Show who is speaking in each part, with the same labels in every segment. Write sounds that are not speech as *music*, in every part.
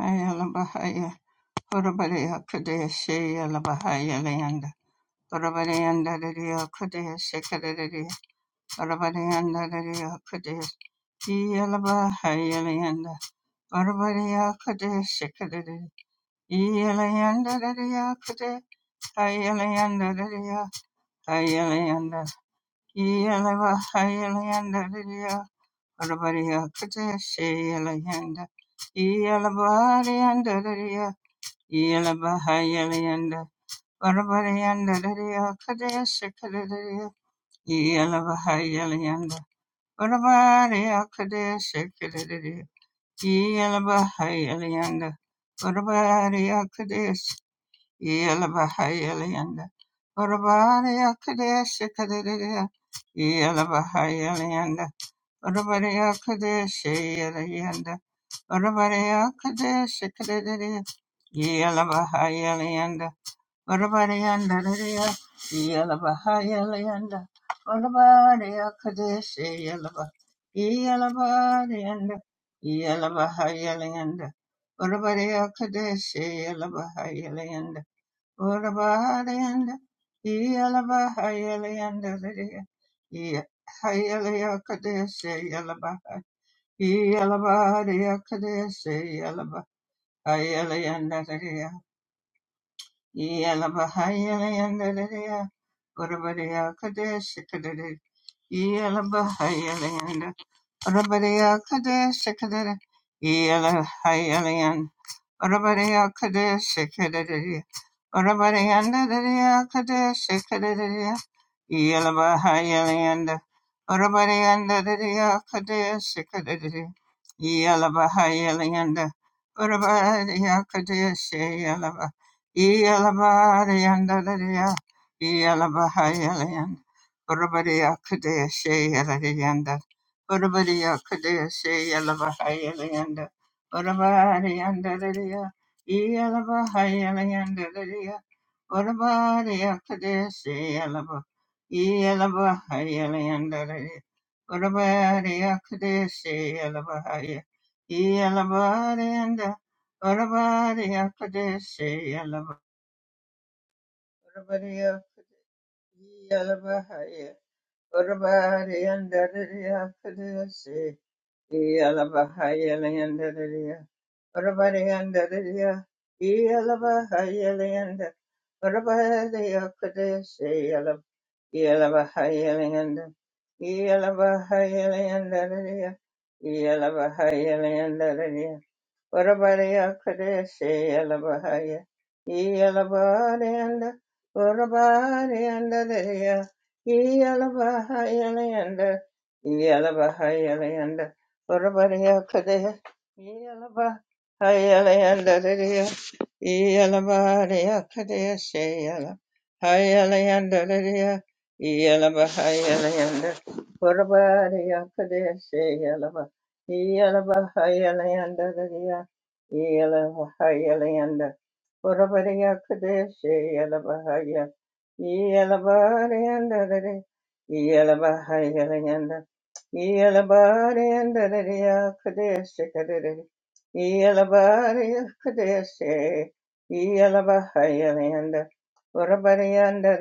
Speaker 1: Hayalabahaya, Urabadea Kadea Shea Labahaya Leanda, Urabadeanda Dedia Kadea Shekadea, Urabadeanda Dedia Kadea Yalabahaya Leanda, Urabadea Kadea Shekadea, Yalaanda Dedia Kadea, Hayaleanda Dedia, Hayaleanda, Yalabahaya Leanda Dedia, Urabadea Kadea Shea Leanda, Yalabahaya Leanda Lidia, Yala Bahayala yanda, Barabara yanda, Yela Bahayalayanda, Varavarayanda, Dadaya Kadaya Sekadadaya, Yela Bahayalayanda, Varavaraya Kadaya Sekadadaya, Yela Bahayalayanda, yanda, Kadaya, Yela Bahayalayanda, Varavaraya Kadaya Sekadadaya, Yela Bahayalayanda, Varavaraya Kadaya Sekadadaya, Varavaraya Kadaya Sekadadaya, Yela yanda. Orabariyandariya, Iyalabahayalayanda, Orabariya Kadeshi Yalaba, Iyalabariyanda, Iyalabahayalayanda, Orabariya Kadeshi Yalabahayalayanda, Orabariyanda, Iyalabahayalayanda, Iyalaya Kadeshi Yalaba, Iyalabariya Kadeshi Yalaba, Hayalayanda, Yalabahayalayandaria, Urabadiya Kadesh Kadere, Yalabahayalayanda, Urabadiya Kadesh Kadere, Orabariya Kadeshi Kadariya. Orabariyanda Dariya Kadeshi Kadariya. Yalabahayalayanda. Orabariyanda Dariya Kadeshi Kadariya. Yalabahayalayanda. Orabariya Kadeshi Yalaba. Yalabariyanda Dariya. Yalabahayalayanda. Orabariya Kadeshi Yalayanda. Orabariya Kadeshi Yalabahayalayanda. Orabari andariya, Iyalaba hayala yandariya, Orabari akadesi yalaba, Iyalaba hayala yandariya, Orabari akadesi yalaba haya, Iyalabari anda, Orabari akadesi yalaba, Orabari Iyalaba haya, Orabari andariya akadesi, Iyalaba hayala yandariya, Orabariandaria, Yelabahayelianda, Orabariya Kadesi, Yelabahayelianda, Yelabahayeliandaria, Yelabahayeliandaria, Urabadiya Kadeshi Yalabahaya Yalabadianda Urabadianda Deya Yalabahaya Leanda Yalabahaya Leanda Urabadiya Kadesh Yalabahaya Leanda Deya Yalabadiya Kadeshi Yalabahaya Leanda Deya Yalabahaya Leanda Urabadiya Kadeshi Alabahaya. Yalabahaya Leanda Yela Bahaya Leanda, Borobadea Kadeshe, Yela Bahaya, Yela Barianda, Yela Bahaya Leanda, Yela Barianda, Kadeshe, Kadere, Yela Baria Kadeshe, Yela Bahaya Leanda, Borobadianda,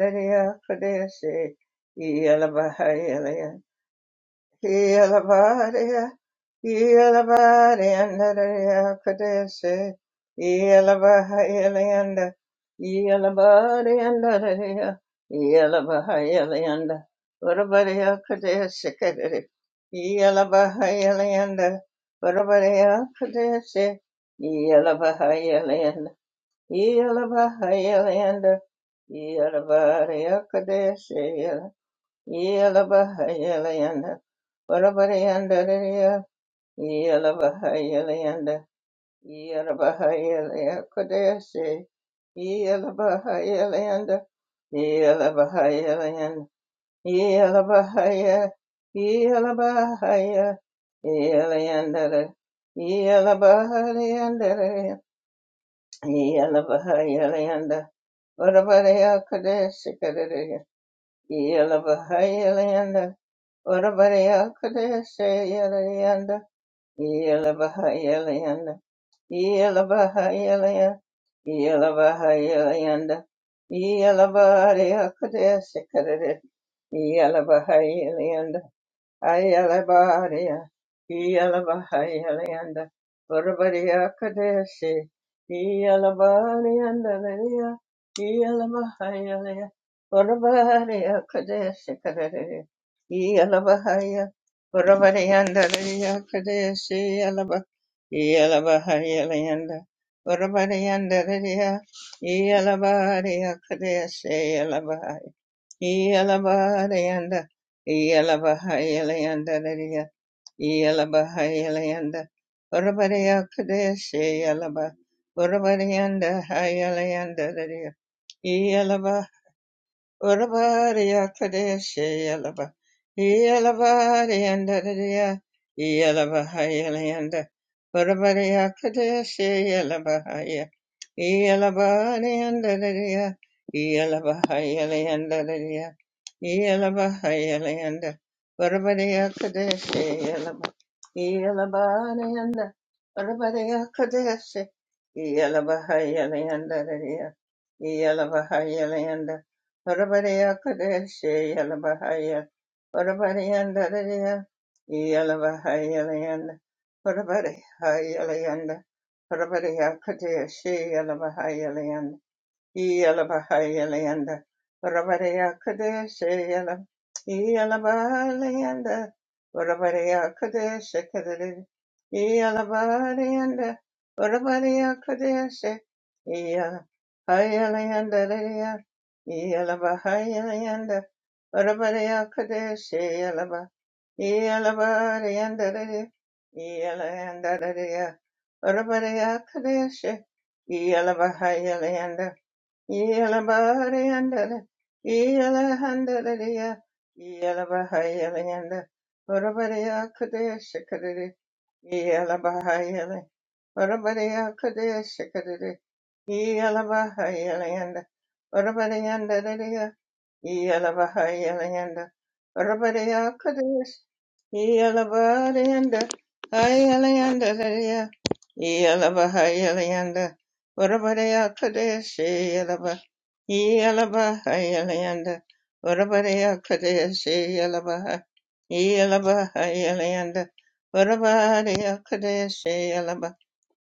Speaker 1: Kadeshe, Yela Bahaya Yelabaria, Yelabaria, Nadaria Kadeshe, Yelabahayalayanda, Yelabaria, Nadaria, Yelabahayalayanda, Varabaria Kadeshe Kadere, Yelabahayalayanda, Varabaria Kadeshe, Yelabahayalayanda, Yelabahayalayanda, Yelabaria Kadeshe, Yelabahayalayanda, Varavarayandariya, Yelabahayalayanda, Yelabahayalaya Kodayashe, Yelabahayalayanda, Yelabahayalayanda, Yelabahaya, Yelabahaya, Yelayandara, Yelabahayalayandara, Yelabahayalayanda, Varavaraya Kodayashe Kadariya, Yelabahayalayanda, Yalabahayalanda, Ayalabaria, Yalabahayalanda, Varabaria Kadeshi, Yalabarianda, Yalabahayalia, Varabaria Kadeshi Kadari, Yalabahaya, Varabarianda, Kadeshi, Yalaba, Yalabahayalanda, Varabarianda, Yalabaria Kadeshi, Yalabahayalayanda, Yalabahayalayandariya, Yalabahayalayanda, Urabariya Kadeshi Yalaba, Urabariyanda Hayalayandariya, Urabariya Kadeshe Yalaba Yalabariyandariya Yalabahayalanda Urabariya Kadeshe Yalabahaya Yalabariyandariya Yalabahayalandariya Yalabahayalanda Dadia Yalabahayalanda Urabariya Kadeshe Yalaba Yalabariyanda Urabariya Kadeshe Yalabahayalandariya Yalabahayalandariya Orabariya Kadeshe Yalabahaya Orabarianda Daya Yalabahaya Layanda Orabariya Yalayanda Orabariya Kadeshe Yalabahaya Yalabahayalayanda Rabareya Kadeshayala Yalabahayalayanda Rabareya Kadeshakadari Yalabahayalayanda Rabareya Kadeshe Yalabahayalayanda Raya Yalabahayalayanda Rabareya Kadeshe Yalaba Yalabahayalayanda Raya Yalabahayalayanda Rabareya Kadeshe Yalabahayalayanda Yalabahayalanda, Yalabahayalayanda Rabadeya Kadesh Yalabahayalayanda Hayalayanda Ladeya Yalabahayalayanda Rabadeya Kadesh Yalaba Yalabahayalayanda Rabadeya Kadesh Yalabaha Yalabahayalayanda Rabadeya Kadesh Yalaba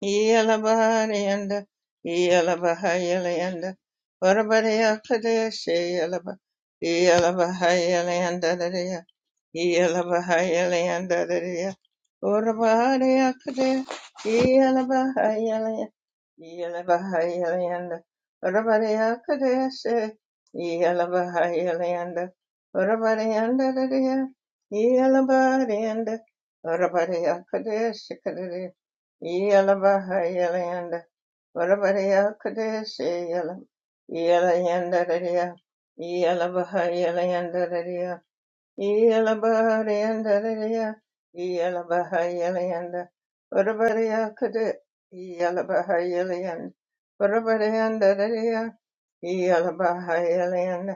Speaker 1: Yalabahayalayanda Yalabahayalayanda Rabadeya Kadesh Yalaba Ila Bahaya Leandadea, Ila Bahaya Leandadea, Urabadea Kadea, Ila Bahaya Leandadea, Ila Bahaya Leanda, Urabadea Kadea se. Yalabahayalayandaraya. Yalabahayalayandaraya. Urabahayakade. Yalabahayalayanda. Yalabahayalayanda. Urabarayakadeshe. Yalabahayalayanda. Urabarayandaraya. Yalabarayanda. Urabarayakadeshikadere. Yalabahayalayanda. Urabarayakadeshe. Yala- Yalayandaraya. Yalabahayalayandararia. Yalabahayalayandararia. Yalabahayalayanda. Varavaraya kada. Yalabahayalayanda. Varavarayandarararia. Yalabahayalayanda.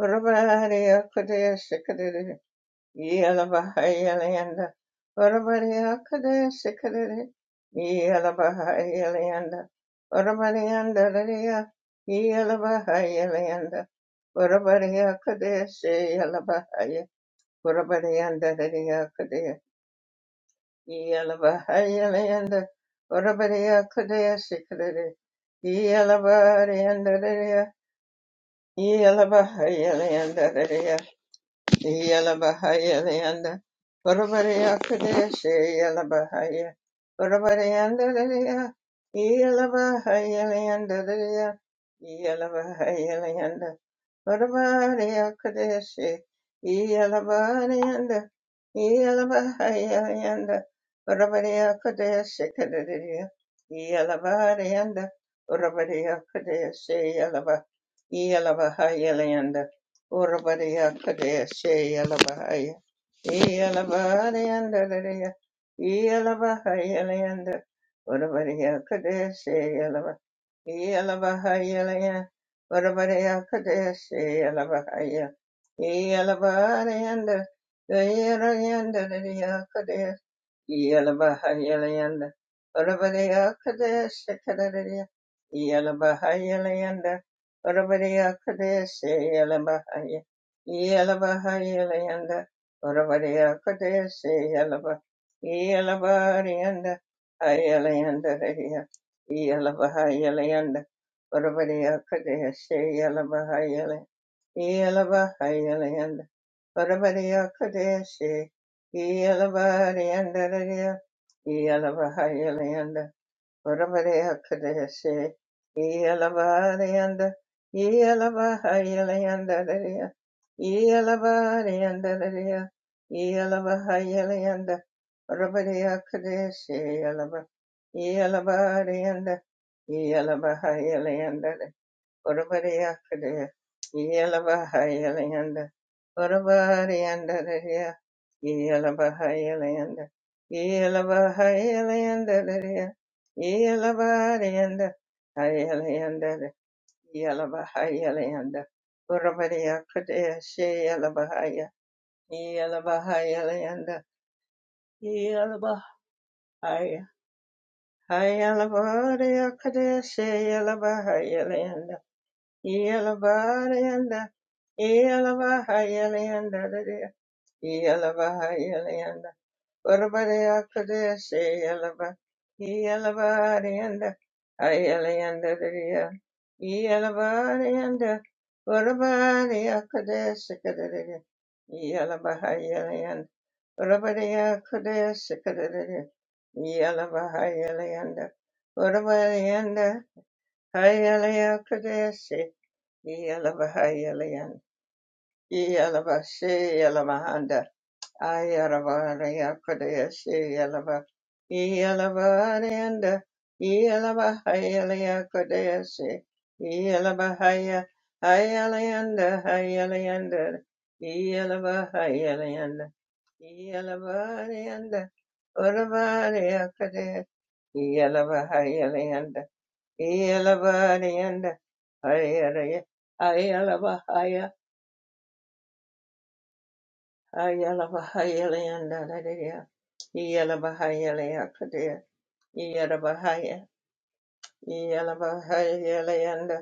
Speaker 1: Varavaraya kada shikadari. Yalabahayalayanda. Varavaraya kada shikadari. Yalabahayalayanda. Varavarayandararia. Yalabahayalayanda. Urabariya Kadeshe Yalabahaya Urabarianda Dariya Kadea Yalabahaya Leanda Urabariya Kadeshe Kadere Yalabarianda Dariya Yalabahaya Leanda Yalabahaya Leanda, Varavaria Kadeshi Yalabahaya, Varavarianda Lilia, Yalabahaya Leanda Lilia, Yalabahaya Leanda, Varavaria Kadeshi, Yalabahaya, Yalabahaya Leanda, Varavaria Kadeshi Kadadia, Yalabahaya, Varavaria Kadeshi Yalabah, Yalabahaya Leanda, Orabadiya Kadea Shea Labahaya. Elabadianda Elabahaya Landa. Orabadiya Kadea Shea Lava. Elabahaya Laya. Orabadiya Kadea Shea Labahaya. Elabadianda. Elabadianda Yelabahayalayanda. Orabadea Kadesha Kadadea. Yelabahayalayanda. Orabadea Kadesha Yelabahaya. Yelabahayalayanda. Orabadea Kadesha Yelaba. Yelabarianda. Ayalayanda Radea. Yelabahayalayanda. Orabadea Kadesha Yelabahayalay. Yelabahayalayanda Varabariya Kadeshi Yelabariandararia Yelabahayalayanda Varabariya Kadeshi Yelabarianda Yelabahayalayandararia Yelabariandararia Yelabahayalayanda Varabariya Kadeshi Yelabarianda Yelabahayalayandararia Orabariyakaraya, Iyalabahayalayanda, Orabariyandadariya, Iyalabahayalayanda, Iyalabahayalayandadariya, Iyalabariyanda, Hayalayandada, Iyalabahayalayanda, Orabariyakadaya, Sheyalabahaya, Iyalabahayalayanda, Iyalabahaya, Hayalabariyakadaya, Sheyalabahayalayanda, Yalabahayalanda, Hayalaya Kadesi, Yalabahayalanda. Yalaba she yalaba handa. Ayarabara yakadaya she yalaba. Yalaba handa. Yalaba hayala yakadaya she. Yalaba haya. Hayala yanda. Hayala yanda. Yalaba hayala yanda. Yalaba yanda. Orabara yakadaya. Yalaba hayala yanda. Yalaba yanda. Hayala yanda. Ayalabahayalayandadadaya. Iyalabahayalayakadaya. Iyalabahaya- Iyalabahayalayanda.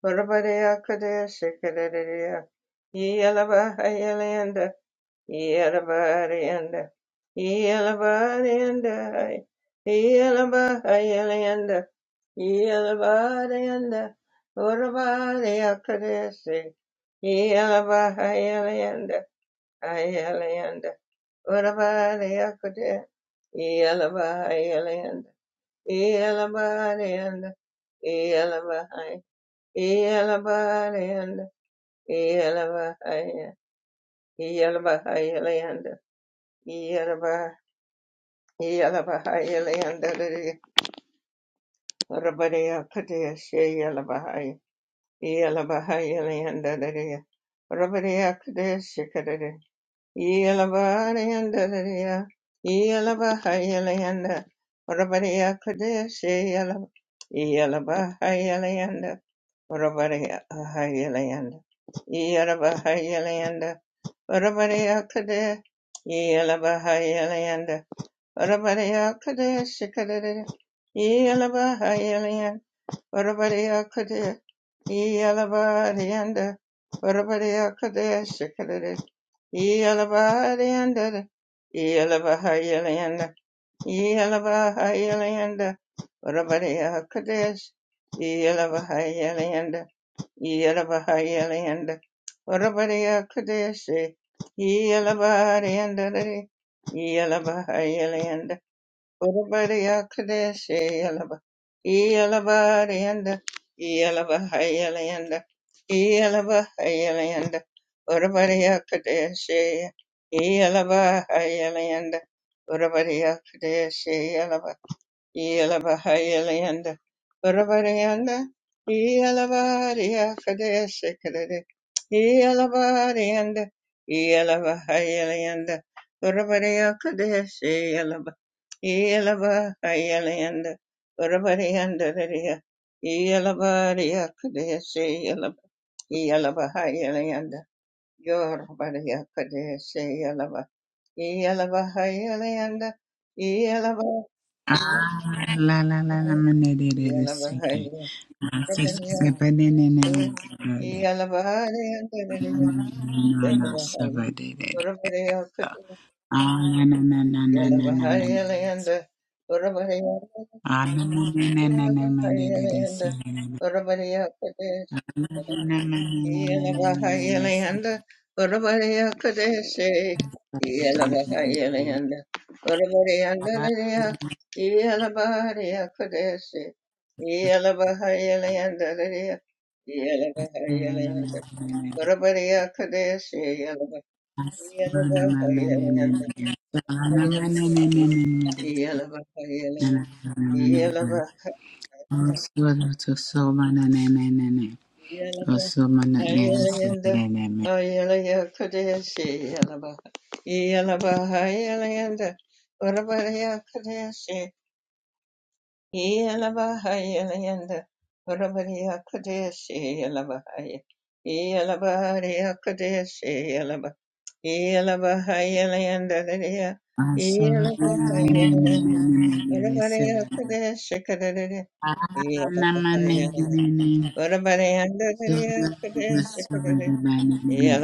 Speaker 1: Barabadayakadaya shikadadadaya. Iyalabahayalayanda. Iyalabahayanda. Iyalabahayanda. Iyalabahayalayanda. Iyalabahayanda. Barabadayakadaya shi- Iyalabahayalayanda. Ayalayanda. Urabadiakute, Yelabahayalanda, Yelabadianda, Yelabahai, Yelabadianda, Yelabahaya, Yelabahayalanda, Yelabah, Yelabahayalanda, Urabadiakute, Shayelabahai, Yelabahayalanda, Urabadiakute, Shikadade, Yelabarayandadaya, Yelabahayalayanda, Orabariya Kadeshi Yelab, Yelabahayalayanda, Orabariya Ahayalayanda, Yelabahayalayanda, Orabariya Kadeshi, Yelabahayalayanda, Orabariya Kadeshi Kadadada, Varavareya Kadea, Ealavarayanda, Varavareya Kadea Shikadere, Ealavarayanda, Ealavahayalayanda, Ealavahayalayanda, Varavareya Kadea, Ealavahayalayanda, Ealavahayalayanda, Varavareya Kadea, Ealavarayanda, Ealavahayalayanda, Yalaba, Yelabahayalayanda, Varavarayanda, Yelavariya Kadesha Kadade, Yelavarayanda, Yelavahayalayanda, Varavariya Kadesha Yelava, Yelavahayalayanda, Varavarayanda Dariya, Yelavariya Kadesha Yelava, Yelavahayalayanda, Yoravariya Kadesha Yelava, Yelavahayalayanda,
Speaker 2: Ah,
Speaker 1: Yelava.
Speaker 2: la la la la ma ne de de de se
Speaker 1: Yalabahaya,
Speaker 2: ke. Ma se se se pe ne ne ne ne de de. Na na na na na, sa ba de de de de. sa. Ah, na na na na na na na ma ne de se. Ah, na na na na na na ma de de de se ne ne ne. Ah, na na na na na na na na ne ne se.
Speaker 1: Yelabahayalayanda, Urabariya Kadeshe,
Speaker 2: Ah, na na na na na na.
Speaker 1: Yelabahayalayanda,
Speaker 2: Ah,
Speaker 1: Urabariyanda Daya, Yelabariya Kadeshe, Yelabahayalayanda
Speaker 2: na na na na na na. Ah, na na na na na na na. Ah, na na
Speaker 1: Yelabahayalayanda, Urabariya Kadeshe, Yelabahayalayanda, Yelabahayalayanda,
Speaker 2: na na na na na.
Speaker 1: Yelabahayalayanda,
Speaker 2: Osula to soma
Speaker 1: Yeah. What about the end of the day? Yeah.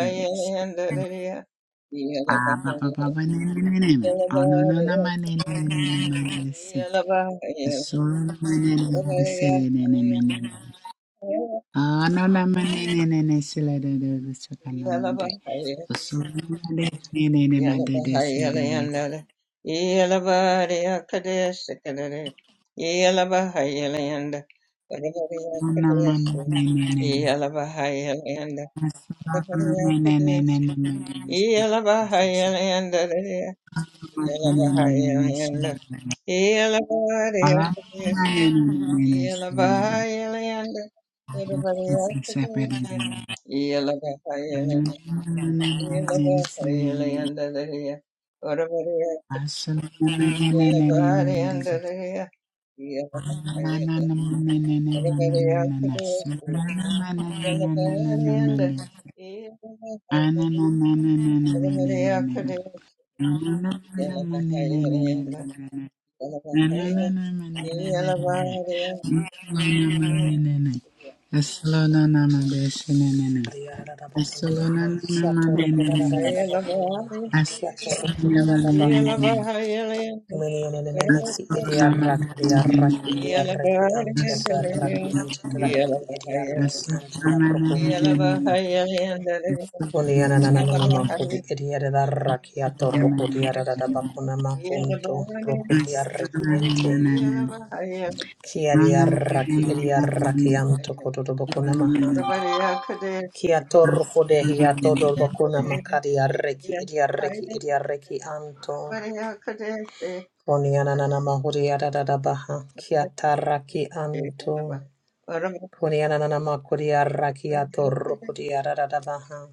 Speaker 2: Yes. Ah, ba ba ba ba na na na na. Oh no no na ma na na na na na. Sura manene sele nene menene. Ah, no, no, manene nene sele de de de sakana mande. Sura mande nene de made de se de de. Ona manene nene nene. Sura manene nene nene made de se. Sa sa.
Speaker 1: Yeah.
Speaker 2: Manene nene sele de. Ala manene nene sele de. Sa sa sa pe de de. Ana manene nene sele de. Asala manene nene nene made de.
Speaker 1: Yeah.
Speaker 2: Asolana
Speaker 3: Minion in the name of Idiaraki, Idiaraki, Idiaraki, Antiadaraki, Antiadaraki, Idiaraki,
Speaker 2: Thank
Speaker 3: Antiarokunto. Uniananananamako, the Idiadaraki,
Speaker 1: Yeah,
Speaker 3: Atoroko, Diadabacuna Macunto, Rokotiaraki, Ente, Kiadiaraki, Idiaraki, Antokoto, Bacuna Maha. Kia torko de hia todo
Speaker 2: you.
Speaker 3: bakuna makari arreki iri arreki iri arreki anto. Koni ananana mahuri adadada baha. Kia taraki anto. Koni ananana makuri arraki atorro kuri adadada baha.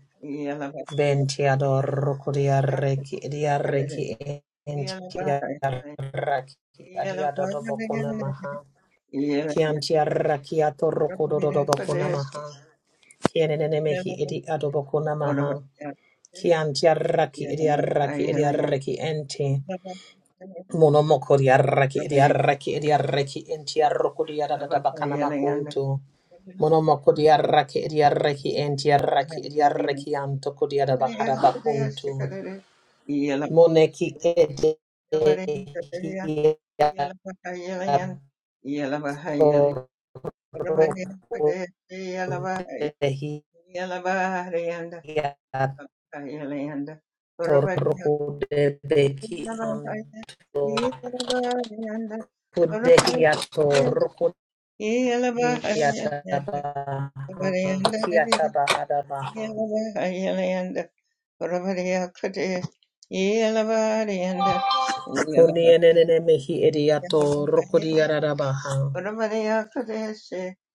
Speaker 3: Benti adorro kuri arreki iri arreki enti arraki adi adodo bakuna maha. Kianti arraki atorro kudodo bakuna maha. Kienenene mehi iri adobakuna maha. Kianti arraki
Speaker 1: Yeah.
Speaker 3: edi arraki edi arraki enti. Monomoko di arraki edi arraki edi arraki enti arroko di adadada bakana makuntu. Monomoko di arraki edi arraki enti arraki edi arraki antoko di adabakara bakuntu. Moneki edi edi atoroko dehi anto. Kudehiato rokodiatabaha kiatabahadabaha. Kunienene mehi ediato rokodiarabaha.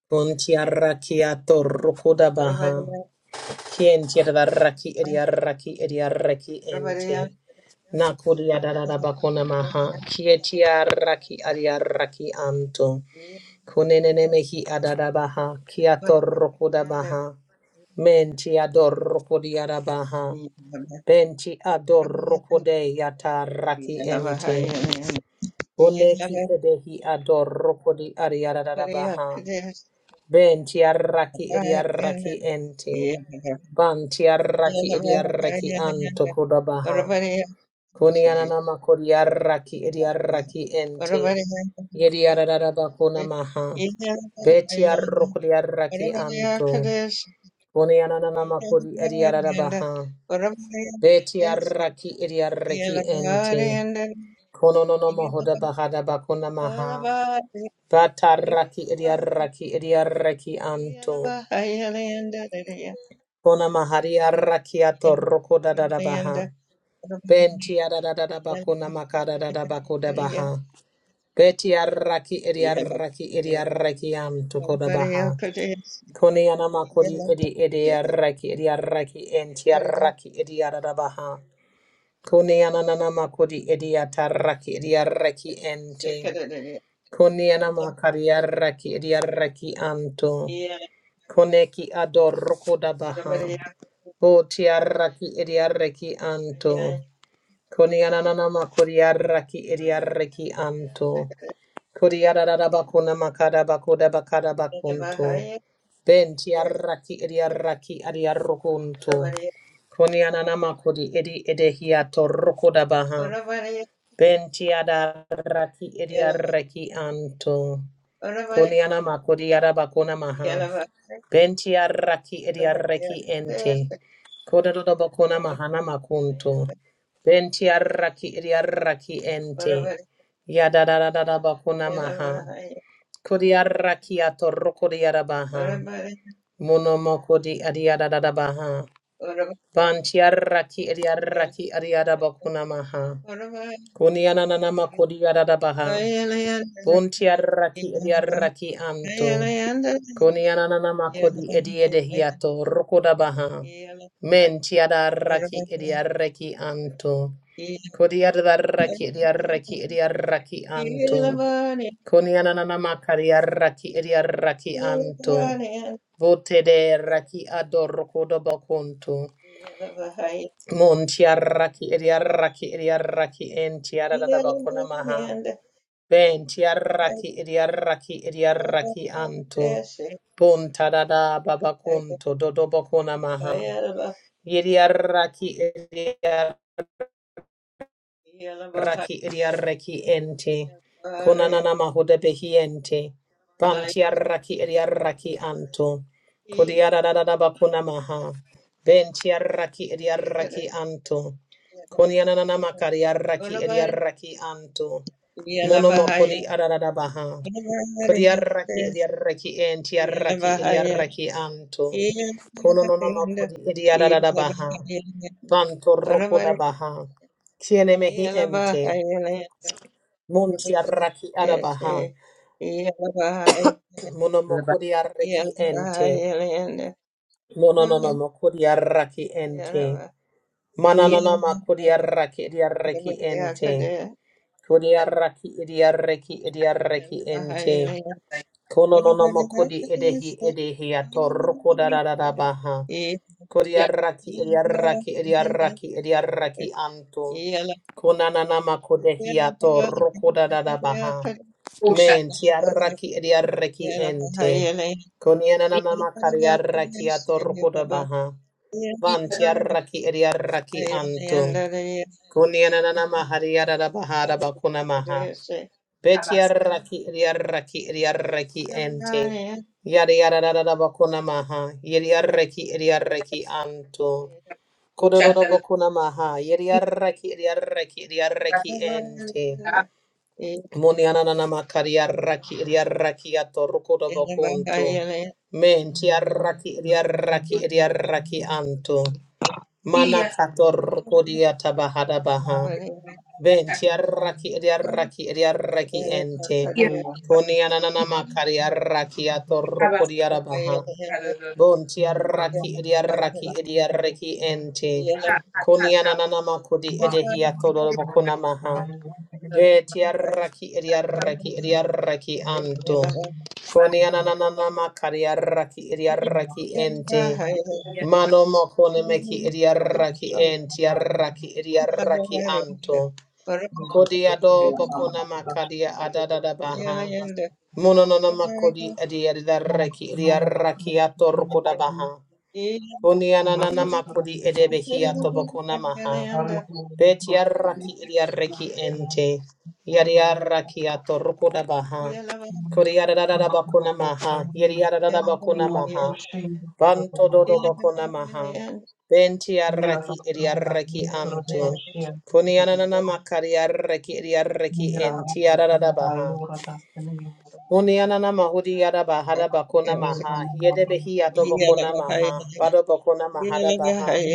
Speaker 3: Kuntiarakiato rokodabaha. Kientiadaraki ediaraki
Speaker 1: Yeah.
Speaker 3: ediaraki ente. Nakuriadarabakonamaha. Kietiaraki adiaraki anto. Kunenene mehi adadabaha kiato rokodabaha. Mentiador rokodiarabaha. Benti adorokode yata raki ente. Boneki edehi adorokodi ariararabaha.
Speaker 1: Yeah.
Speaker 3: Benti arraki ediarraki ente. Banti arraki ediarraki anto kodabaha. Kunianana kodi arraki ediarraki ente. Yediararabakuna maha. Beti arrokodi arraki anto. Kunianana kodi ediararabaha. Beti arraki ediarraki ente. Kono no no moho da bahada bakuna maha. Bataraki idiaraki idiaraki anto. Kona mahari araki ato roko da da da baha. Benti ada da da da bakuna makada da da bakuda baha. Beti araki
Speaker 1: Yeah.
Speaker 3: idiaraki idiaraki anto koda baha. Koni anama kodi idi idiaraki idiaraki enti araki idiada da baha. Koni ananama kodi idiataraki idiaraki enti. Koniana makariaraki ediaraki anto. Koneki adoroko da baha. Botiaraki ediaraki anto. Koniana nana makuriaraki ediaraki anto. Kuriara da bakuna makada bakuda bakada bakunto. Bentiaraki ediaraki adiarokunto. Koniana nama kodi edi edehiato roko da baha. Bentiada raki, ediaraki anto. Kuniana makodiara bakuna maha. Bentiaraki ediaraki ente. Kododo bakuna mahana
Speaker 1: Yeah.
Speaker 3: makunto. Bentia raki, Bentiaraki raki ente. Yada Yadadadada bakuna maha. Kodiaraki atorokodiara baha. Monomokodi adiadada baha. Bantiaraki ediaraki adiada bakuna maha. Kuniana nana makodiara da baha. Buntiaraki raki edia raki anto. Koni ananana makodi edi edehiato rokoda baha. Men tiada raki ediareki anto. Kodi adaraki ediareki ediareki anto. Koni ananana makari araki ediareki anto. Vote de raki ador rokoda bakonto. Mon tiaraki ediareki ediareki en tiada da bakona maha. Ben arraki, idiaraki arraki edi arraki anto. Bon tadada babacunto dodobocona maha.
Speaker 1: Kayelba,
Speaker 3: Yediaraki
Speaker 1: Yelba,
Speaker 3: Raki idiarreki ente.
Speaker 1: Yelbare,
Speaker 3: Konanana mahuda behiente.
Speaker 1: I
Speaker 3: Bantiarraki idiarraki anto.
Speaker 1: keys
Speaker 3: Kodiarada bakuna
Speaker 1: and the
Speaker 3: maha. Bentiarraki
Speaker 1: second.
Speaker 3: idiarraki anto. Konianana makariarraki
Speaker 1: Unaman,
Speaker 3: idiarraki anto.
Speaker 1: Yelabahaya,
Speaker 3: Monomokodi arada baha.
Speaker 1: Unaman,
Speaker 3: Kodiarraki idiarraki entiarraki
Speaker 1: Yelabahaya,
Speaker 3: idiarraki anto. Kononona
Speaker 1: Yelabahaya,
Speaker 3: makodi idiarada baha.
Speaker 1: Yelabahaya,
Speaker 3: Banto rokoda
Speaker 1: Unaman,
Speaker 3: baha. Kiene mehi ente.
Speaker 1: Yelabahaya,
Speaker 3: Munti arraki arabaha.
Speaker 1: Yelabahaya,
Speaker 3: Mono
Speaker 4: Labasia,
Speaker 3: mokuri arraki ente. Mono
Speaker 1: Yelabahaya,
Speaker 3: nono mokuri arraki ente. Mananana makuri
Speaker 1: Yelabahaya,
Speaker 3: arraki edi arraki ente.
Speaker 1: Yeah.
Speaker 3: Kuri arraki edi arraki ente. Kono no no mo kodi edehi edehi atoroko da da da da baha. Kodi
Speaker 4: Labasia,
Speaker 3: arraki edi arraki edi arraki edi arraki anto. Kona na na ma kodehi atoroko da da da baha.
Speaker 4: Osha,
Speaker 3: Men ti arraki edi arraki ente. Koni na na na ma kari arraki atoroko da baha.
Speaker 4: Iki,
Speaker 3: Van ti arraki edi arraki anto. Koni na na na ma hari da da baha da bakuna maha.
Speaker 4: Tabas,
Speaker 3: Betiaraki Iriaraki Iriaraki Ente Yadiarada Bakuna Maha Yediaraki Iriaraki Anto
Speaker 4: Osha,
Speaker 3: Kododo Bakuna Maha Yediaraki Iriaraki
Speaker 4: Tabas,
Speaker 3: Iriaraki Ente Muniananama Kariaraki Iriaraki Atorokodo Bakunto
Speaker 1: Yeah.
Speaker 3: Mentiaraki Iriaraki Iriaraki Anto Mana
Speaker 4: Iya,
Speaker 3: Kator Kodia Tabahada Baha
Speaker 4: Sata,
Speaker 3: Venti arraki edi arraki edi arraki ente.
Speaker 4: Iya,
Speaker 5: Thank
Speaker 3: Koni ananana makari arraki atorroko
Speaker 4: Tabas,
Speaker 3: di arabaha. Bonti arraki edi arraki edi arraki ente. Koni ananana makodi edehi atoroboko namaha. Veti arraki edi arraki edi arraki anto. Koni ananana makari arraki edi arraki ente. Mano mokone meki edi arraki enti arraki edi arraki anto. Kodi do bokuna makadia adada baha. Mononona makodi adiada reki riarakiato rukoda baha. Kunianana makodi edebehiato bokuna maha. Betiaraki idiareki ente. Yadiaraki atorukuda
Speaker 1: Yeah.
Speaker 3: baha. Kodiadada bakuna maha. Yadiadada bakuna maha. Banto dodo bakuna maha. Bentiaraki idiareki antu. Kunianana makariareki idiareki entiarada baha.
Speaker 5: you.
Speaker 3: Onianana mahudi yaraba haraba kona maha. Yedebehi atobo kona maha. Badobo kona mahara baha.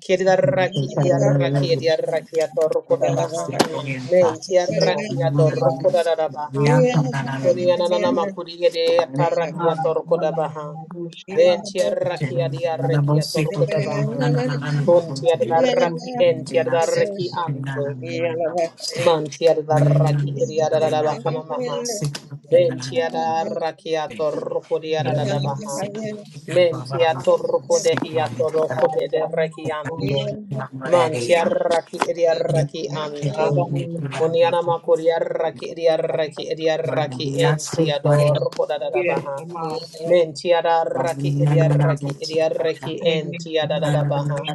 Speaker 3: Kiriraki
Speaker 6: Thank
Speaker 3: idiaraki idiaraki atorokoda baha. Men tiaraki adorokoda da baha. Konianana makuri yede ataraki atorokoda baha. Then tiaraki adiaraki atorokoda baha. Kun tiaraki en tiaraki anto. Mantia da raki iria da da bakana maha. Ventia da rakia torroko dia da da baha. Mentia torroko de hia torroko te de rekianto.
Speaker 6: you.
Speaker 3: Mantia raki iria
Speaker 6: Thank you.
Speaker 3: raki anto. Koniana makoria raki iria raki iria raki entia dorroko da da baha. Mentia da raki iria raki iria raki entia da da da baha.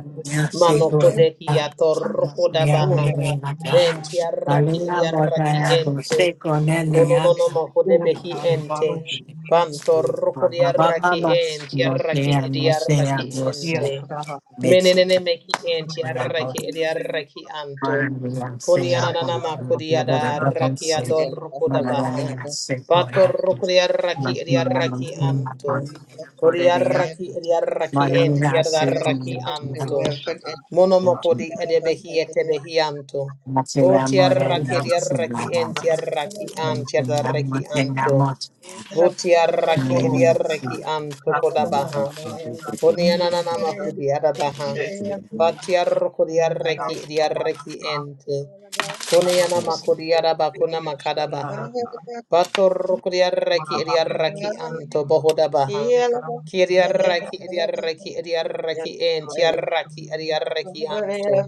Speaker 3: Manoko de hia torroko baha.
Speaker 1: Yeah.
Speaker 3: Venti arraki riarraki ente. Ono no no mo de behi ente. Banto roko di arraki enti arraki di arraki
Speaker 5: Yeah,
Speaker 3: ente. Menenene meki enti arraki di arraki anto. Koni ananana mako di ada arraki ador roko da baha. Bato roko di
Speaker 6: Te amo,
Speaker 3: arraki di
Speaker 6: te amo,
Speaker 3: arraki anto. Kori arraki di arraki enti arraki anto. Monomoko di edebehi etebehi anto. Bo tiaraki diaraki en tiaraki an tiaraki anto. Bo
Speaker 1: Yeah.
Speaker 3: tiaraki ediaraki anto kodabaha. Kunianana kudiada baha. Patiar kudiarreki diarreki ente. Kuniana makudiada bakuna makada baha. Bator kudiarreki diarreki anto bohoda baha. Kiriarreki diarreki diarreki ente yarraki diarreki anto.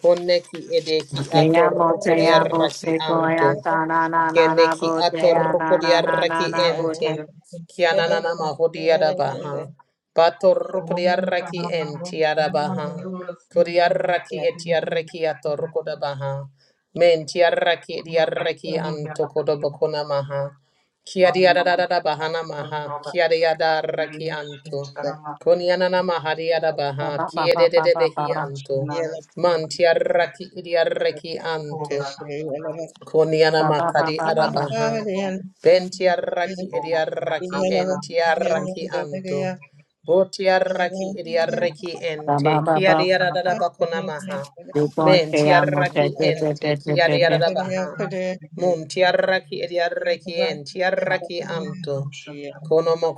Speaker 3: Koneki edeki ator kudiarreki
Speaker 6: se coya
Speaker 3: anto.
Speaker 6: ta na na na
Speaker 3: Kene
Speaker 6: na
Speaker 3: ki
Speaker 6: bo te
Speaker 5: I'm
Speaker 6: ya
Speaker 3: atoroko
Speaker 6: na na na
Speaker 3: diarraki
Speaker 6: na na bo
Speaker 3: ente.
Speaker 6: te
Speaker 3: Kianana mahodi adabaha. Batoroko diarraki enti adabaha. Kodiarraki etiarraki atoroko dabaha. Mentiarraki diarraki antoko dobokona maha. Kiadiadadadabaha namaha. Kiadiadarraki anto. Konianana mahadi adabaha.
Speaker 6: ba ba ba ba ba ba
Speaker 3: Kiedededebehi
Speaker 6: ba
Speaker 3: anto. Man Mantiarraki diarraki anto. Koniana
Speaker 6: ba ba ba ba ba
Speaker 3: makadi
Speaker 6: ba ba ba
Speaker 3: arabaha. Bentiaraki idiaraki entiaraki anto. Botiaraki idiaraki ente.
Speaker 6: ba ba ba
Speaker 5: not
Speaker 3: Kiadiarabakonamaha.
Speaker 5: sure.
Speaker 6: You want to am on that
Speaker 3: Mentiaraki
Speaker 6: bit bit
Speaker 3: ente.
Speaker 6: bit bit bit bit.
Speaker 3: Kiadiarabaha. Muntiaraki idiaraki entiaraki anto.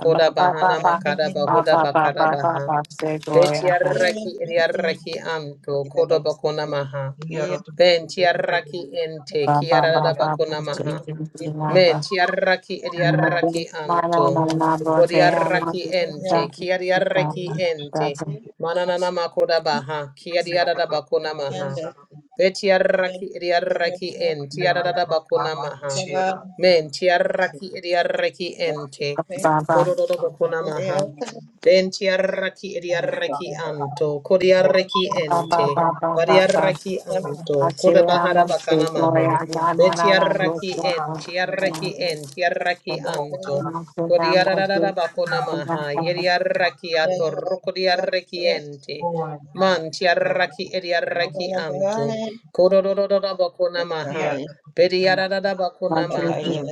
Speaker 6: Ba ba ba
Speaker 3: bahana
Speaker 6: ba
Speaker 3: makada
Speaker 6: ba ba
Speaker 3: bahuda
Speaker 6: ba
Speaker 3: bakada
Speaker 6: ba ba ba
Speaker 3: baha.
Speaker 6: say boy.
Speaker 3: Betiaraki
Speaker 1: Yeah.
Speaker 3: idiaraki anto. Kodobako namaha. Ben tiaraki ente
Speaker 6: Ba ba
Speaker 3: kiarada
Speaker 6: ba ba ba
Speaker 3: bakuna
Speaker 6: say
Speaker 3: maha.
Speaker 6: you na
Speaker 3: Men
Speaker 6: ba.
Speaker 3: tiaraki
Speaker 6: Ma tu
Speaker 3: ediaraki
Speaker 6: ma na na
Speaker 3: anto.
Speaker 6: na bo te am on
Speaker 3: Kodiaraki ente
Speaker 6: that.
Speaker 3: kiariaraki ente. Mananana makoda baha kiadiarada bakuna maha. Betiaraki ediaraki en tiarada bakuna maha. Men tiaraki ediaraki ente.
Speaker 6: Ba ba ba ba
Speaker 3: Kododo bakuna maha. Ben tiaraki ediaraki anto. Kodiaraki
Speaker 6: ba ba ba ba
Speaker 3: ente.
Speaker 6: ba ba ba.
Speaker 3: Variarraki
Speaker 6: I
Speaker 3: anto,
Speaker 6: say
Speaker 3: koda
Speaker 6: am
Speaker 3: bahara
Speaker 6: on say
Speaker 3: bakana maha.
Speaker 6: boy. Na na na na bo
Speaker 3: Betiarraki
Speaker 6: say na
Speaker 3: en,
Speaker 6: na na
Speaker 3: tiarraki
Speaker 6: na.
Speaker 3: en, tiarraki anto.
Speaker 6: Na say am on
Speaker 3: Kodiarara
Speaker 6: say
Speaker 3: bakona
Speaker 6: na
Speaker 3: maha, yeriarraki ato, rokodiarraki ente.
Speaker 5: Ora na
Speaker 3: Man
Speaker 5: vera
Speaker 3: tiarraki
Speaker 5: na
Speaker 3: ediarraki
Speaker 5: mate
Speaker 3: anto. Kodororora bakona maha.
Speaker 5: tia na
Speaker 3: Betiarara
Speaker 6: na
Speaker 3: bakona
Speaker 6: na.
Speaker 3: maha.
Speaker 5: roshte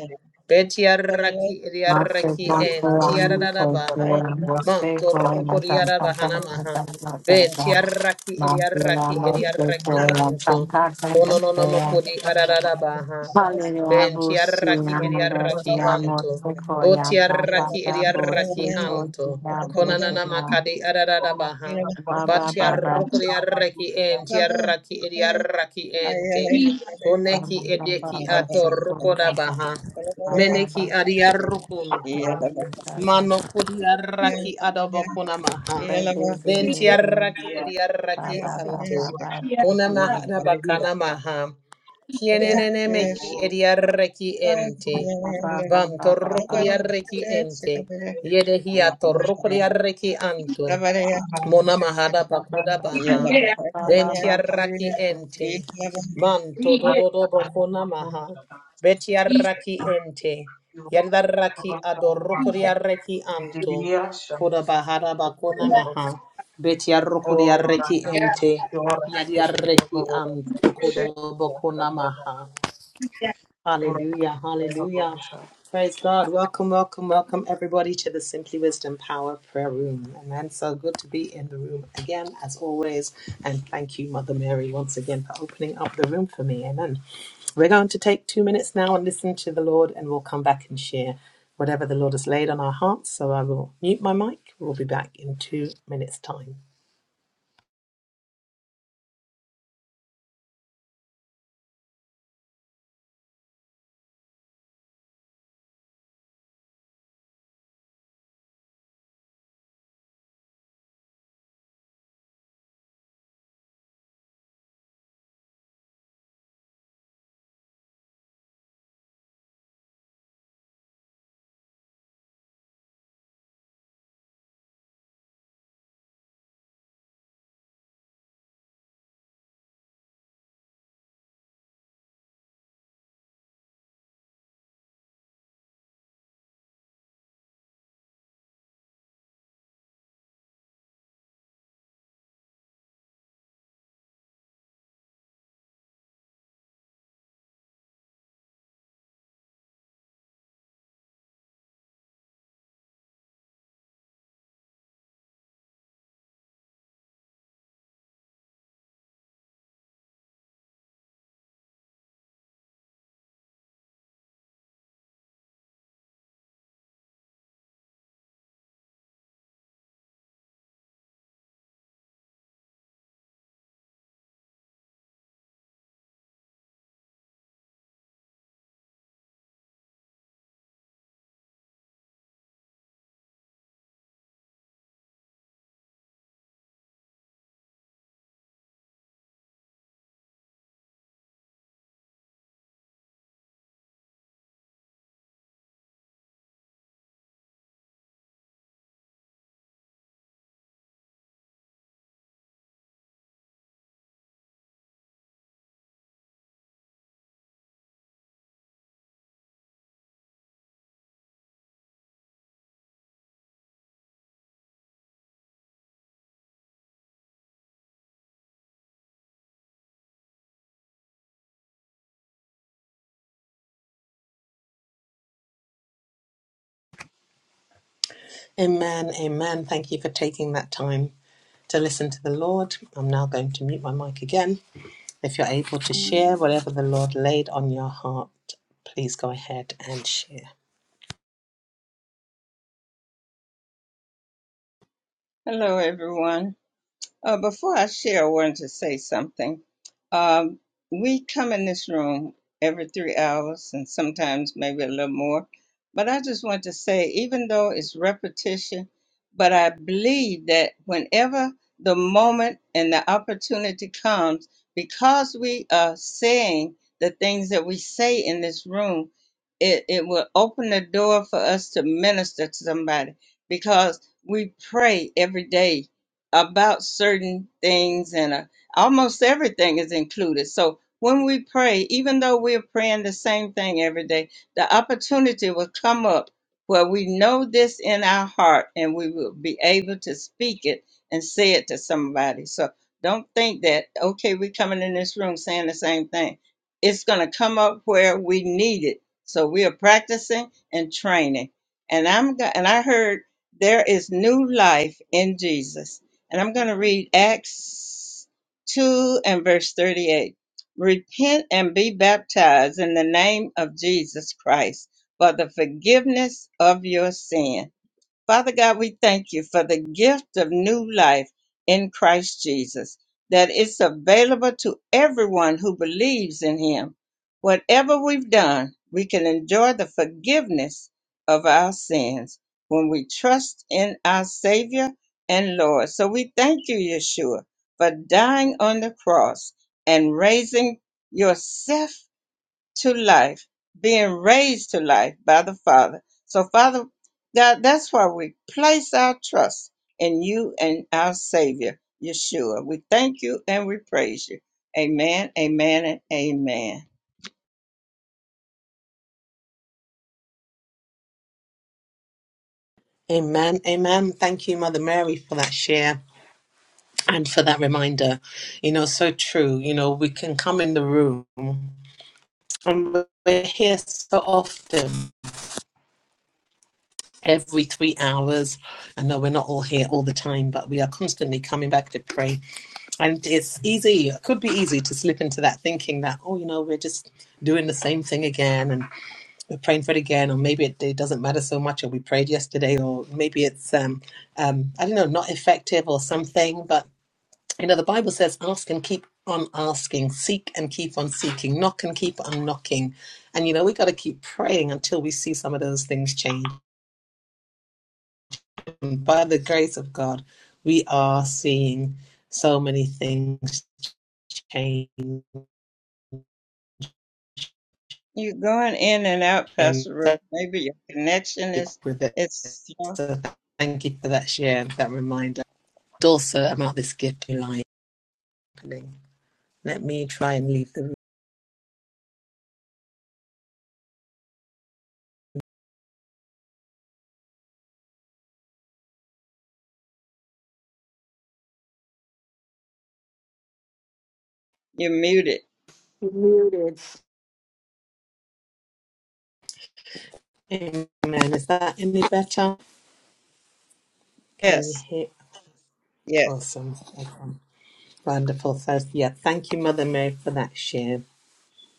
Speaker 3: Betiarraki
Speaker 6: Master
Speaker 3: ediarraki en,
Speaker 5: mutare ru
Speaker 6: Bhagavan
Speaker 3: tiarara baha.
Speaker 5: rabati
Speaker 6: Kosera
Speaker 5: na
Speaker 3: Man
Speaker 6: Mose Goyam
Speaker 3: torkodiara
Speaker 6: Shanka
Speaker 3: bahana
Speaker 6: Shanka
Speaker 3: maha.
Speaker 6: Shanka Shanka
Speaker 3: Venti arraki edi
Speaker 6: Master
Speaker 5: o
Speaker 3: arraki edi
Speaker 6: Mose
Speaker 5: na
Speaker 3: arraki
Speaker 6: Goyam
Speaker 3: anto.
Speaker 6: Shanka Shanka
Speaker 3: Kono no no
Speaker 6: Shanka
Speaker 3: makodi
Speaker 5: sab na
Speaker 3: ararara
Speaker 5: mate
Speaker 3: baha.
Speaker 6: Hallelujah
Speaker 3: Venti
Speaker 5: o
Speaker 3: arraki
Speaker 6: Bhusiya
Speaker 3: edi arraki
Speaker 6: Mudesiya
Speaker 5: rabati na
Speaker 3: anto.
Speaker 6: Mose
Speaker 5: na
Speaker 6: Goyam
Speaker 3: Boti arraki
Speaker 6: Shanka
Speaker 3: edi
Speaker 6: Bhusi
Speaker 3: arraki anto.
Speaker 6: Goyam
Speaker 3: Konanana
Speaker 6: Bhusiya
Speaker 3: makadi
Speaker 5: o
Speaker 3: ararara baha.
Speaker 5: babu
Speaker 6: Baba
Speaker 3: Bachi
Speaker 5: na
Speaker 6: Baba
Speaker 3: arrukuri
Speaker 5: rabati
Speaker 3: arraki
Speaker 5: cha
Speaker 3: enti arraki edi arraki
Speaker 5: ni
Speaker 3: ente. Koneki
Speaker 6: Baba Baba
Speaker 3: edeki
Speaker 6: Baba
Speaker 3: atorrukoda
Speaker 6: Goyam Shanka
Speaker 3: baha.
Speaker 6: Baba Baba Baba
Speaker 3: Meneki
Speaker 6: Baba
Speaker 3: adi arrukunto.
Speaker 5: ni
Speaker 6: Baba
Speaker 3: Mano kodi arraki adabakuna maha.
Speaker 1: Yeah.
Speaker 3: Ventiaraki
Speaker 5: ya
Speaker 3: idiaraki
Speaker 6: Baba
Speaker 1: Hello,
Speaker 3: anto.
Speaker 6: Baba Baba
Speaker 3: Kona mahana bakana maha. Kienenene mehi idiaraki ente.
Speaker 6: You
Speaker 3: Bam torrokuriaraki ente. Yedehi atorrokuriaraki anto. Mona mahada bakuda baha. Bentiaraki ente. Manto dododo bokona maha. Betiaraki ente. Yardaraki
Speaker 5: Ora,
Speaker 3: adorokuriareki anto. Kuda bahada bakona maha. Betiarokuriareki ente. Yardaraki anto. Kuda bokona maha. Hallelujah, hallelujah. Praise God. Welcome, welcome, welcome, everybody, to the Simply Wisdom Power Prayer Room. Amen. So good to be in the room again, as always. And thank you, Mother Mary, once again for opening up the room for me. Amen. We're going to take two minutes now and listen to the Lord, and we'll come back and share whatever the Lord has laid on our hearts. So I will mute my mic. We'll be back in two minutes' time. Amen. Amen. Thank you for taking that time to listen to the Lord. I'm now going to mute my mic again If you're able to share whatever the Lord laid on your heart, please go ahead and share.
Speaker 1: everyone. Uh, before I share, I wanted to say something. Um, we come in this room every three hours and sometimes maybe a little more. But I just want to say, even though it's repetition, but I believe that whenever the moment and the opportunity comes, because we are saying the things that we say in this room, it, it will open the door for us to minister to somebody because we pray every day about certain things and uh, almost everything is included. So when we pray, even though we're praying the same thing every day, the opportunity will come up where we know this in our heart and we will be able to speak it and say it to somebody. So don't think that, okay, we're coming in this room saying the same thing. It's going to come up where we need it. So we are practicing and training. And I'm go- and I heard there is new life in Jesus and I'm going to read Acts 2 and verse 38. Repent and be baptized in the name of Jesus Christ for the forgiveness of your sin Father God, we thank you for the gift of new life in Christ Jesus, that it's available to everyone who believes in him. Whatever we've done, we can enjoy the forgiveness of our sins when we trust in our Savior and Lord. So we thank you, Yeshua, for dying on the cross and raising yourself to life, being raised to life by the Father. So, Father God, that's why we place our trust in you and our Savior, Yeshua. We thank you and we praise you. Amen, amen, and amen.
Speaker 3: Amen. Amen. Thank you, Mother Mary, for that share and for that reminder. You know, so true. You know, we can come in the room and we're here so often. Every three hours. I know we're not all here all the time, but we are constantly coming back to pray. And it's easy, it could be easy to slip into that thinking that, oh, you know, we're just doing the same thing again. And we're praying for it again, or maybe it, it doesn't matter so much, or we prayed yesterday, or maybe it's um, um, I don't know, not effective or something. But you know, the Bible says, "Ask and keep on asking, seek and keep on seeking, knock and keep on knocking." And you know, we got to keep praying until we see some of those things change. And by the grace of God, we are seeing so many things change,
Speaker 1: You're going in and out,
Speaker 3: and
Speaker 1: Pastor Ruth.
Speaker 3: stick
Speaker 1: Maybe your connection is
Speaker 3: with it.
Speaker 1: is slow.
Speaker 3: So thank you for that share, that reminder. Also about this gift in life. happening. Let me try and leave the room.
Speaker 1: You're muted.
Speaker 6: Muted.
Speaker 3: Amen. Is that any better? Can you
Speaker 1: Yes,
Speaker 3: hear?
Speaker 1: yes.
Speaker 3: Awesome. Awesome. Wonderful. So, yeah, thank you, Mother Mary, for that share.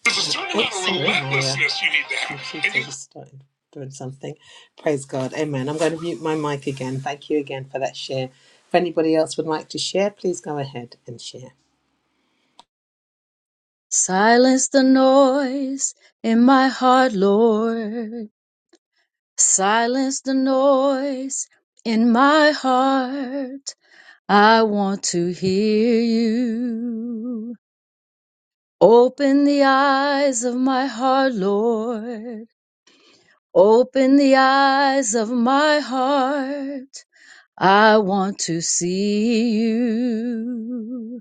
Speaker 3: There's a certain amount of Oops, sorry, Myra. relentlessness you need to have. Computer just started doing something. Praise God. Amen. I'm going to mute my mic again. Thank you again for that share. If anybody else would like to share, please go ahead and share.
Speaker 7: Silence the noise in my heart, Lord. Silence the noise in my heart. I want to hear you. Open the eyes of my heart, Lord. Open the eyes of my heart. I want to see you.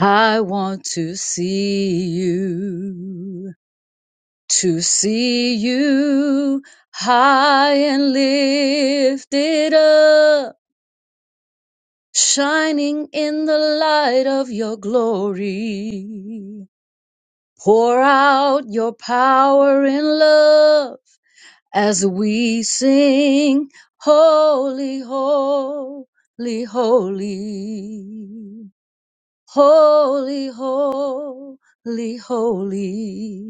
Speaker 7: I want to see you. to see you high and lifted up, shining in the light of your glory. Pour out your power and love as we sing, Holy, Holy, Holy, Holy, Holy, Holy.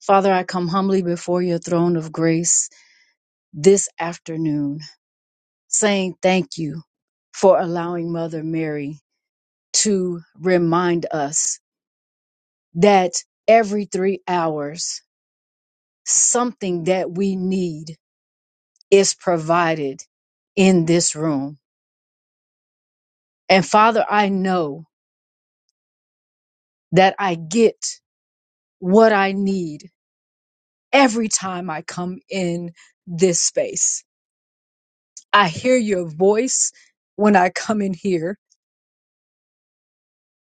Speaker 7: Father, I come humbly before your throne of grace this afternoon saying thank you for allowing Mother Mary to remind us that every three hours, something that we need is provided in this room. And Father, I know that I get what I need every time I come in this space. I hear your voice when I come in here.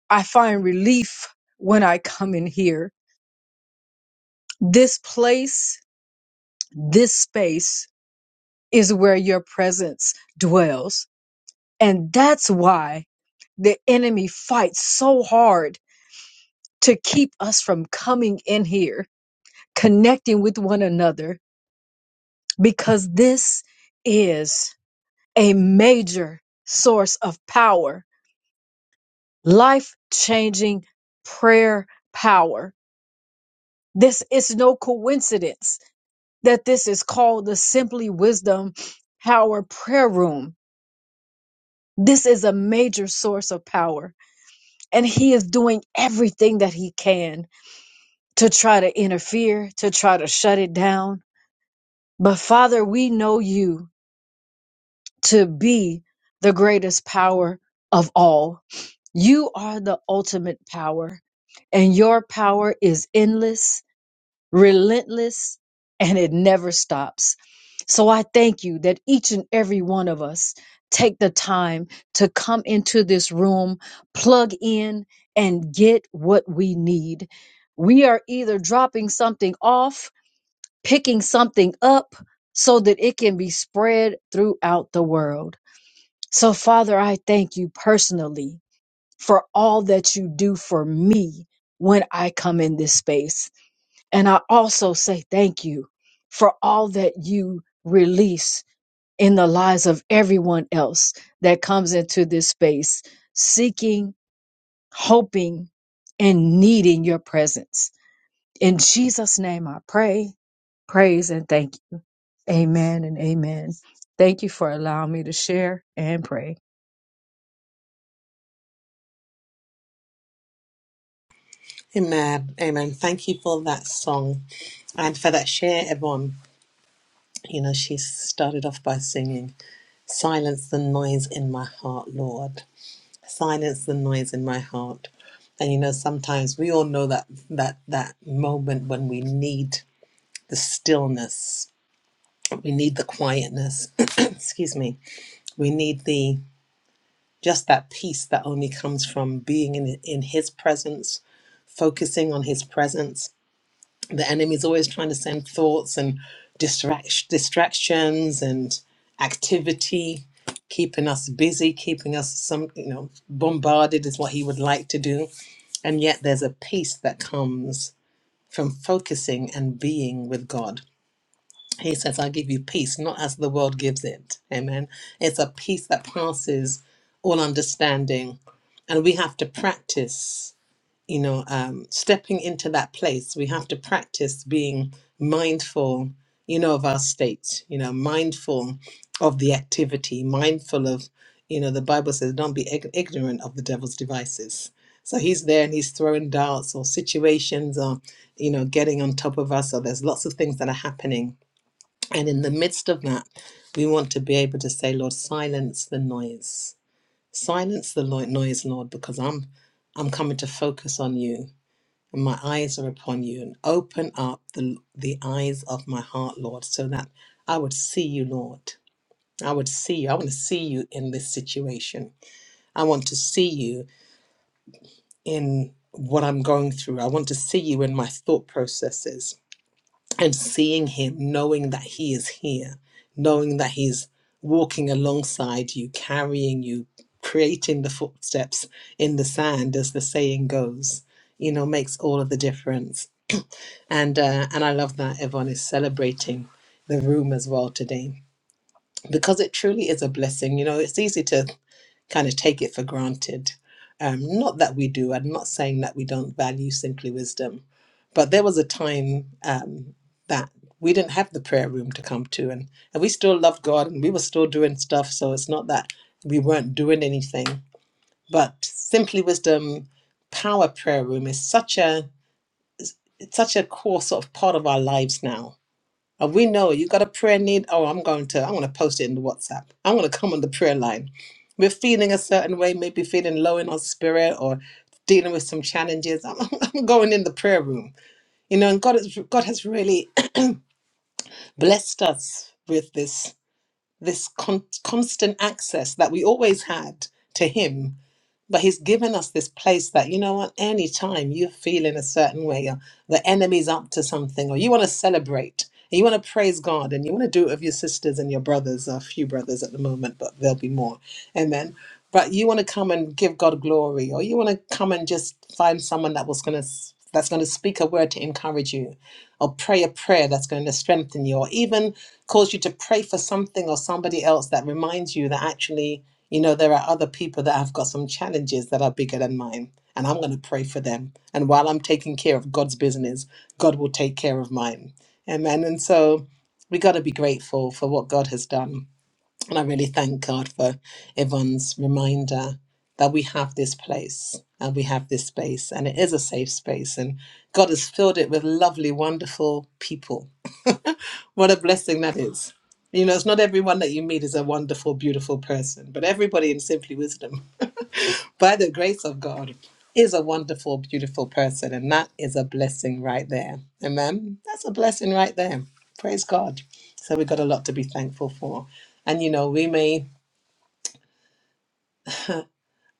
Speaker 7: I find relief when I come in here. This place, this space is where your presence dwells. And that's why the enemy fights so hard to keep us from coming in here, connecting with one another, because this is a major source of power, life changing prayer power. This is no coincidence that this is called the Simply Wisdom Power Prayer Room This is a major source of power, and he is doing everything that he can to try to interfere, to try to shut it down. But Father, we know you to be the greatest power of all. You are the ultimate power, and your power is endless relentless, and it never stops. So I thank you that each and every one of us take the time to come into this room, plug in, and get what we need. We are either dropping something off, picking something up so that it can be spread throughout the world. So, Father, I thank you personally for all that you do for me when I come in this space. And I also say thank you for all that you release in the lives of everyone else that comes into this space, seeking, hoping, and needing your presence. In Jesus' name, I pray, praise, and thank you. Amen and amen. Thank you for allowing me to share and pray.
Speaker 3: Amen. Amen. Thank you for that song and for that share, everyone. You know, she started off by singing. Silence the noise in my heart, Lord. Silence the noise in my heart. And you know, sometimes we all know that that that moment when we need the stillness, we need the quietness. *clears throat* Excuse me. We need the just that peace that only comes from being in in His presence, focusing on His presence. the enemy's always trying to send thoughts and distract, distractions and activity keeping us busy keeping us some you know bombarded is what he would like to do and yet there's a peace that comes from focusing and being with god he says i give you peace not as the world gives it amen it's a peace that passes all understanding and we have to practice you know, um, stepping into that place, we have to practice being mindful, you know, of our state, you know, mindful of the activity, mindful of, you know, the Bible says, don't be ig- ignorant of the devil's devices. So he's there and he's throwing darts or situations or, you know, getting on top of us. Or there's lots of things that are happening. And in the midst of that, we want to be able to say, Lord, silence the noise. Silence the lo- noise, Lord, because I'm I'm coming to focus on you and my eyes are upon you and open up the, the eyes of my heart lord so that i would see you lord i would see you i want to see you in this situation i want to see you in what i'm going through i want to see you in my thought processes and seeing him knowing that he is here knowing that he's walking alongside you carrying you creating the footsteps in the sand as the saying goes you know makes all of the difference and uh, and I love that everyone is celebrating the room as well today because it truly is a blessing. You know, it's easy to kind of take it for granted. Um, not that we do. I'm not saying that we don't value simply wisdom, but there was a time um, that we didn't have the prayer room to come to, and and we still loved God, and we were still doing stuff. So it's not that we weren't doing anything, but simply wisdom power prayer room is such a it's such a core sort of part of our lives now uh, we know you got a prayer need. Oh, I'm going to, I'm going to post it in the WhatsApp. I'm going to come on the prayer line. We're feeling a certain way, maybe feeling low in our spirit or dealing with some challenges. I'm, *laughs* I'm going in the prayer room, you know, and God has, God has really *clears throat* blessed us with this, this con- constant access that we always had to him but he's given us this place that, you know what, anytime you feel in a certain way, or the enemy's up to something, or you want to celebrate, and you want to praise God, and you want to do it with your sisters and your brothers, a few brothers at the moment, but there'll be more. Amen. But you want to come and give God glory, or you want to come and just find someone that was going to that's going to speak a word to encourage you, or pray a prayer that's going to strengthen you, or even cause you to pray for something or somebody else that reminds you that actually you know, there are other people that have got some challenges that are bigger than mine, and I'm going to pray for them. And while I'm taking care of God's business, God will take care of mine. Amen. And so we got to be grateful for what God has done. And I really thank God for Yvonne's reminder that we have this place and we have this space, and it is a safe space. And God has filled it with lovely, wonderful people what a blessing that is. You know, it's not everyone that you meet is a wonderful, beautiful person, but everybody in Simply Wisdom, by the grace of God, is a wonderful, beautiful person. And that is a blessing right there. Amen. That's a blessing right there. Praise God. So we've got a lot to be thankful for. And, you know, we may,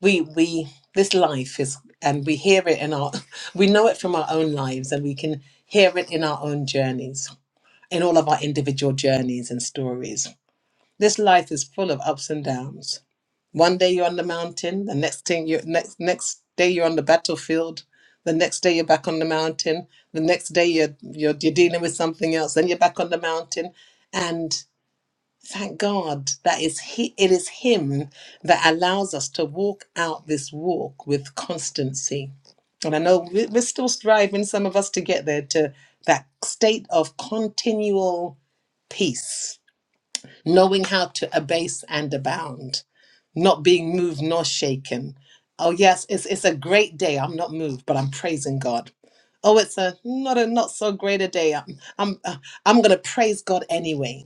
Speaker 3: we, we, this life is, and we hear it in our, *laughs* we know it from our own lives and we can hear it in our own journeys, in all of our individual journeys and stories This life is full of ups and downs. One day you're on the mountain, the next thing you next next day you're on the battlefield, the next day you're back on the mountain, the next day you're you're, you're dealing with something else, then you're back on the mountain, and thank God that is he, it is Him that allows us to walk out this walk with constancy. And I know we- we're still striving, some of us, to get there to that state of continual peace knowing how to abase and abound, not being moved nor shaken. Oh yes, it's it's a great day. I'm not moved, but I'm praising God. Oh, it's a not a not so great a day. I'm I'm uh, I'm gonna praise God anyway,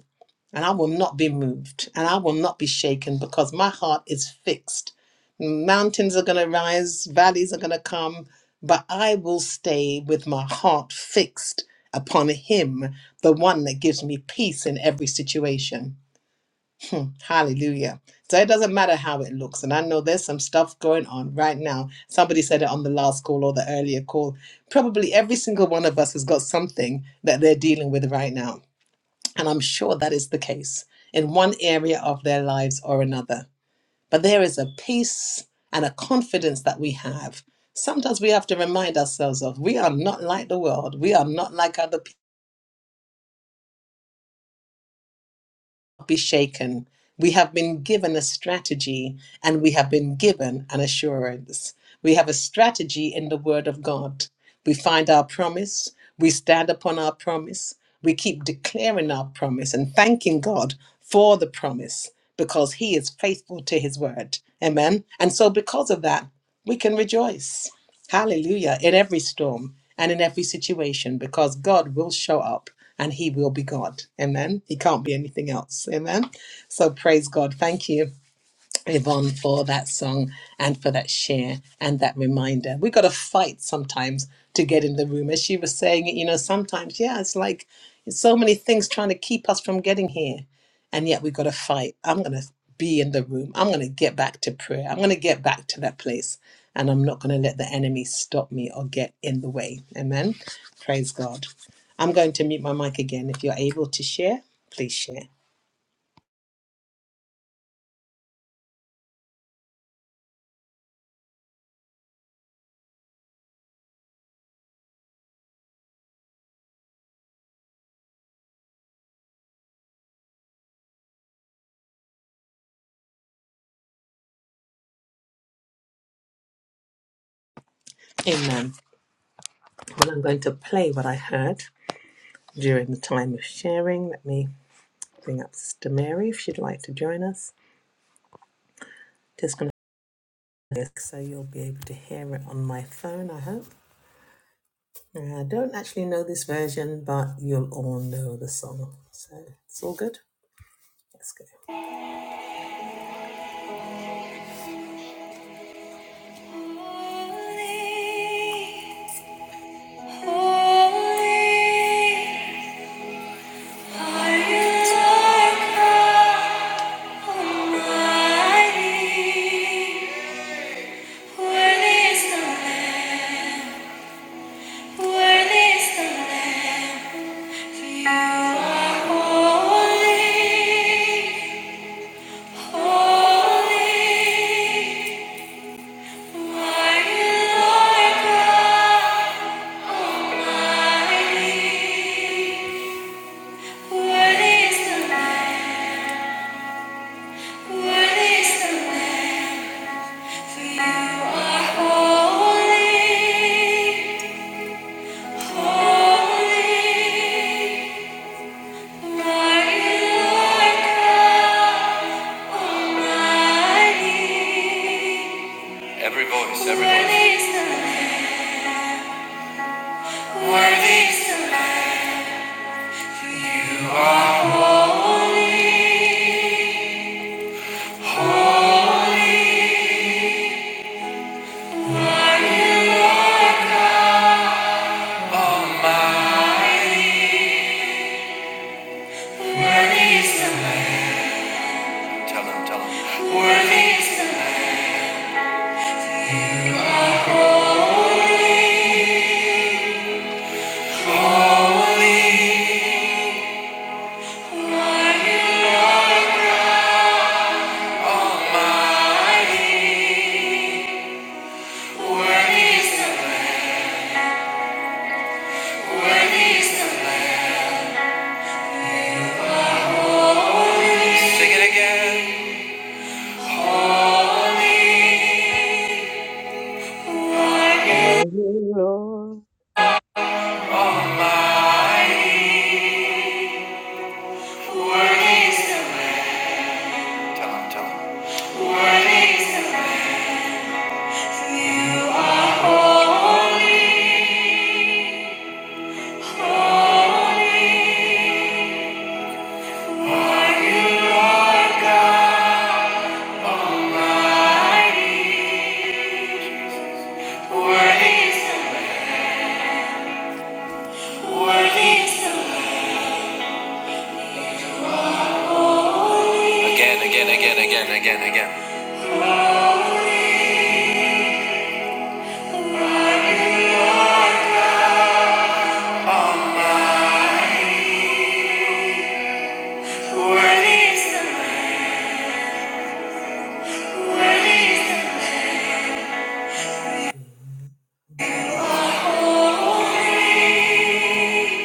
Speaker 3: and I will not be moved, and I will not be shaken because my heart is fixed. Mountains are gonna rise, valleys are gonna come, but I will stay with my heart fixed upon Him, the one that gives me peace in every situation. *laughs* Hmm, Hallelujah. So it doesn't matter how it looks. And I know there's some stuff going on right now. Somebody said it on the last call or the earlier call. Probably every single one of us has got something that they're dealing with right now. And I'm sure that is the case in one area of their lives or another. But there is a peace and a confidence that we have. Sometimes we have to remind ourselves of we are not like the world. We are not like other people be shaken. We have been given a strategy and we have been given an assurance. We have a strategy in the Word of God. We find our promise, we stand upon our promise, we keep declaring our promise and thanking God for the promise because He is faithful to His Word. Amen. And so, because of that, we can rejoice. Hallelujah. In every storm and in every situation, because God will show up and he will be God. Amen. He can't be anything else. Amen. So praise God. Thank you. Yvonne for that song and for that share and that reminder. We got to fight sometimes to get in the room. As she was saying it, you know, sometimes, yeah, it's like it's so many things trying to keep us from getting here. And yet we got to fight. I'm going to be in the room. I'm going to get back to prayer. I'm going to get back to that place. And I'm not going to let the enemy stop me or get in the way. Amen. Praise God. I'm going to mute my mic again. If you're able to share, please share. Amen. Well, I'm going to play what I heard. during the time of sharing. Let me bring up Sister Mary if she'd like to join us. Just going to this so you'll be able to hear it on my phone, I hope. I don't actually know this version, but you'll all know the song. So it's all good. Let's go. Holy, holy, are you Lord God Almighty? Worthy is the Lamb. Worthy is the Lamb, for you are holy, holy. Are you Lord God Almighty? Worthy is the Lamb, worthy is the Lamb, for you are holy, holy. Are you Lord God? Every voice, every voice. Worthy is the Lamb. You are holy. Worthy is the Lamb. Tell him, tell him. Worthy is the Lamb. Are you almighty? Worthy is the Lamb. Worthy is the Lamb. Sing it again. Holy,
Speaker 7: Oh, you, Lord.
Speaker 3: almighty. What is the Tell him, tell You are holy, holy. What is the What is Again, again, again, again, again, again. Almighty. What is the What is the Lamb, Holy?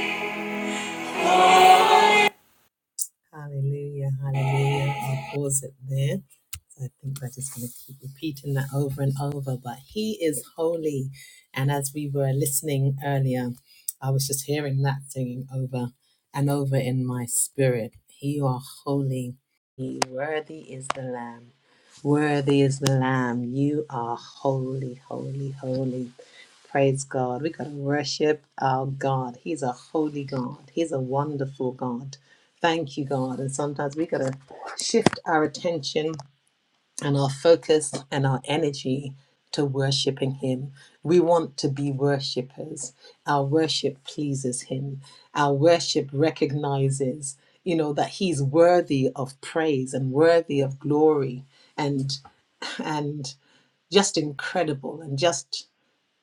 Speaker 3: Hallelujah, hallelujah. I'll pause it there. So I think we're just going to keep repeating that over and over. But He is holy. And as we were listening earlier, I was just hearing that singing over and over in my spirit. You are holy. You- Worthy is the Lamb. Worthy is the Lamb. You are holy, holy, holy. Praise God. We got to worship our God. He's a holy God. He's a wonderful God. Thank you, God. And sometimes we got to shift our attention and our focus and our energy to worshiping Him. We want to be worshipers. Our worship pleases Him. Our worship recognizes, you know, that He's worthy of praise and worthy of glory and and just incredible and just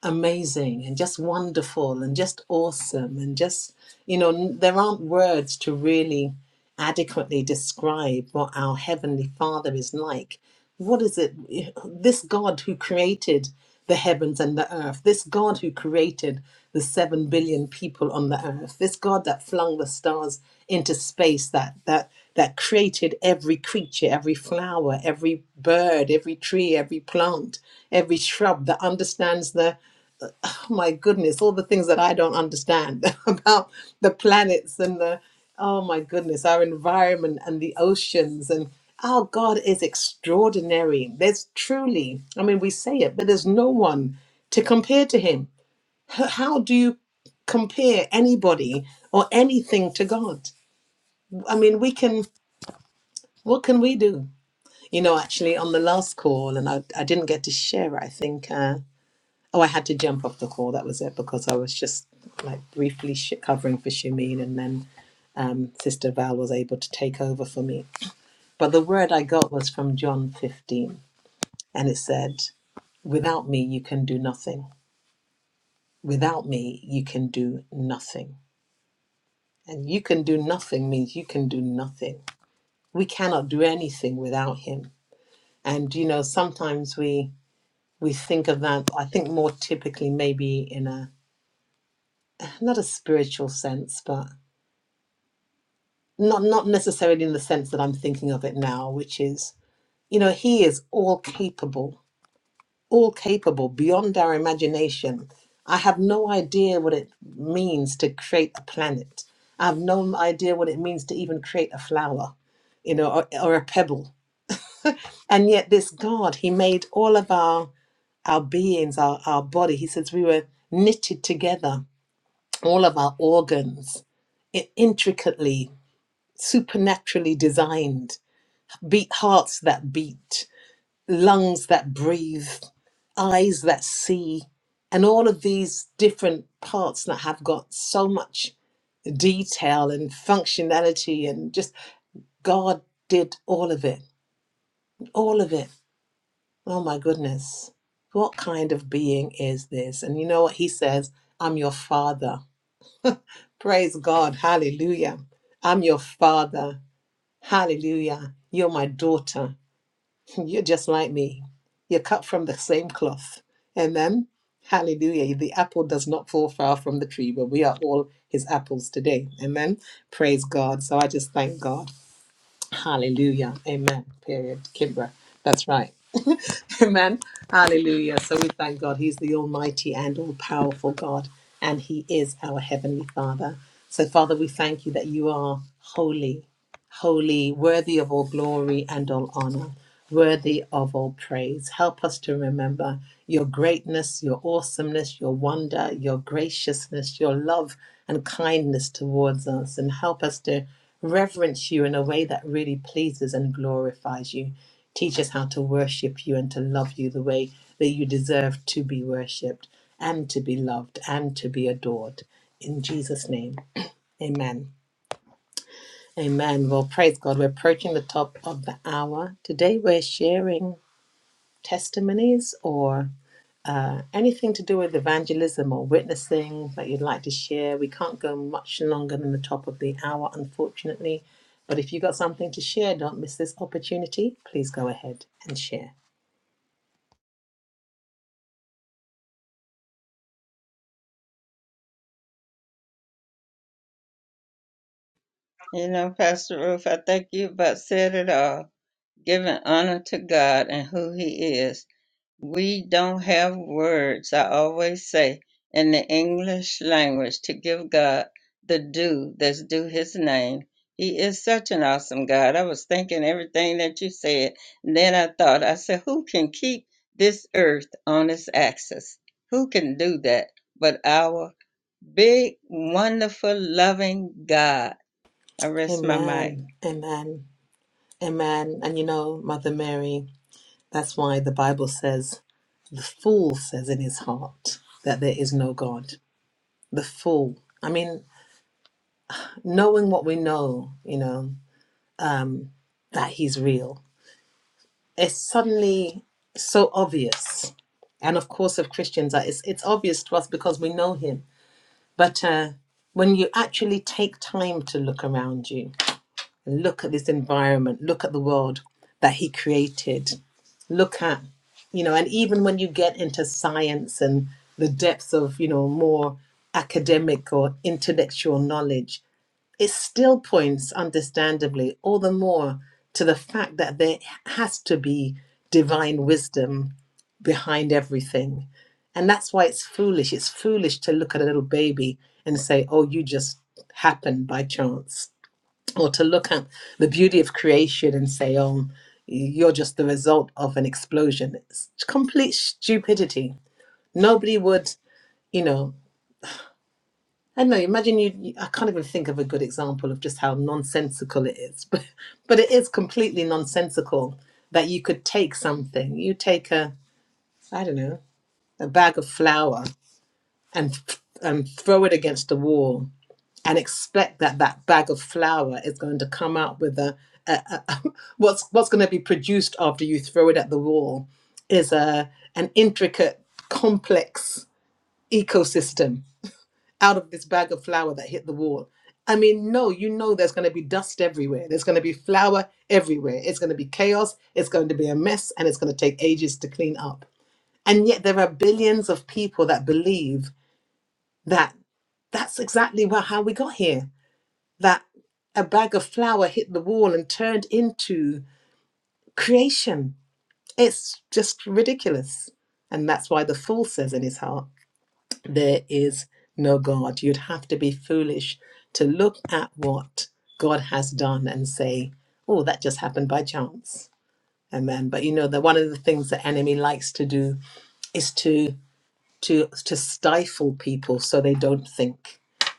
Speaker 3: amazing and just wonderful and just awesome and just you know there aren't words to really adequately describe what our heavenly father is like what is it eh, this god who created the heavens and the earth this god who created the 7 billion people on the earth this god that flung the stars into space that that that created every creature every flower every bird every tree every plant every shrub that understands the oh my goodness, all the things that I don't understand *laughs* about the planets and the, oh my goodness, our environment and the oceans. And our God is extraordinary. There's truly, I mean, we say it, but there's no one to compare to him. H- How do you compare anybody or anything to God? I mean, we can, what can we do? You know, actually, on the last call, and I, I didn't get to share, I think. Uh, Oh, I had to jump off the call. That was it because I was just like briefly sh- covering for Shamin, and then um, Sister Val was able to take over for me. But the word I got was from John 15, and it said, Without me, you can do nothing. Without me, you can do nothing. And you can do nothing means you can do nothing. We cannot do anything without Him. And, you know, sometimes we. We think of that, I think more typically, maybe in a not a spiritual sense, but not not necessarily in the sense that I'm thinking of it now, which is, you know, he is all capable, all capable beyond our imagination. I have no idea what it means to create a planet. I have no idea what it means to even create a flower, you know, or, or a pebble. And yet this God, he made all of our our beings, our, our body. He says we were knitted together, all of our organs, i- intricately, supernaturally designed beat hearts that beat, lungs that breathe, eyes that see, and all of these different parts that have got so much detail and functionality and just God did all of it. All of it. Oh my goodness. What kind of being is this? And you know what he says? I'm your father. Praise God. Hallelujah. I'm your father. Hallelujah. You're my daughter. You're just like me. You're cut from the same cloth. Amen. Hallelujah. The apple does not fall far from the tree, but we are all his apples today. Amen. Praise God. So I just thank God. Hallelujah. Amen. Period. Kimbra. That's right. *laughs* Amen. Hallelujah. So we thank God. He's the Almighty and all powerful God, and He is our Heavenly Father. So, Father, we thank you that you are holy holy, worthy of all glory and all honor, worthy of all praise. Help us to remember your greatness, your awesomeness, your wonder, your graciousness, your love and kindness towards us, and help us to reverence you in a way that really pleases and glorifies you. Teach us how to worship you and to love you the way that you deserve to be worshiped and to be loved and to be adored. In Jesus' name, amen. Amen. Well, praise God. We're approaching the top of the hour. Today, we're sharing testimonies or uh, anything to do with evangelism or witnessing that you'd like to share. We can't go much longer than the top of the hour, unfortunately. But if you've got something to share, don't miss this opportunity. Please go ahead and share.
Speaker 1: You know, Pastor Ruth, I think you about said it all. Giving honor to God and who He is We don't have words, I always say, in the English language to give God the due that's due his name. He is such an awesome God. I was thinking everything that you said. And then I thought, I said, who can keep this earth on its axis? Who can do that but our big, wonderful, loving God? I rest my mind.
Speaker 3: Amen. Amen. Amen. And you know, Mother Mary, that's why the Bible says, the fool says in his heart that there is no God. the full. I mean, knowing what we know, you know, that he's real, it's suddenly so obvious. And of course, of Christians, uh, it's, it's obvious to us because we know him. But uh, when you actually take time to look around you, look at this environment, look at the world that he created, look at, you know, and even when you get into science and the depths of, you know, more academic or intellectual knowledge, it still points, understandably, all the more to the fact that there has to be divine wisdom behind everything. And that's why it's foolish. It's foolish to look at a little baby and say, oh, you just happened by chance. Or to look at the beauty of creation and say, oh, you're just the result of an explosion. It's complete stupidity. Nobody would, you know. I don't know. Imagine you. you- I can't even think of a good example of just how nonsensical it is, *laughs* but but it is completely nonsensical that you could take something. You take a, I don't know, a bag of flour and and throw it against the wall and expect that that bag of flour is going to come out with a, a, a *laughs* what's what's going to be produced after you throw it at the wall is a an intricate, complex ecosystem out of this bag of flour that hit the wall. I mean, no, you know there's going to be dust everywhere. There's going to be flour everywhere. It's going to be chaos. It's going to be a mess and it's going to take ages to clean up. And yet there are billions of people that believe that that's exactly wha- how we got here. That a bag of flour hit the wall and turned into creation. It's just ridiculous. And that's why the fool says in his heart, there is no God. You'd have to be foolish to look at what God has done and say, oh, that just happened by chance. Amen. But you know that one of the things the enemy likes to do is to to to stifle people so they don't think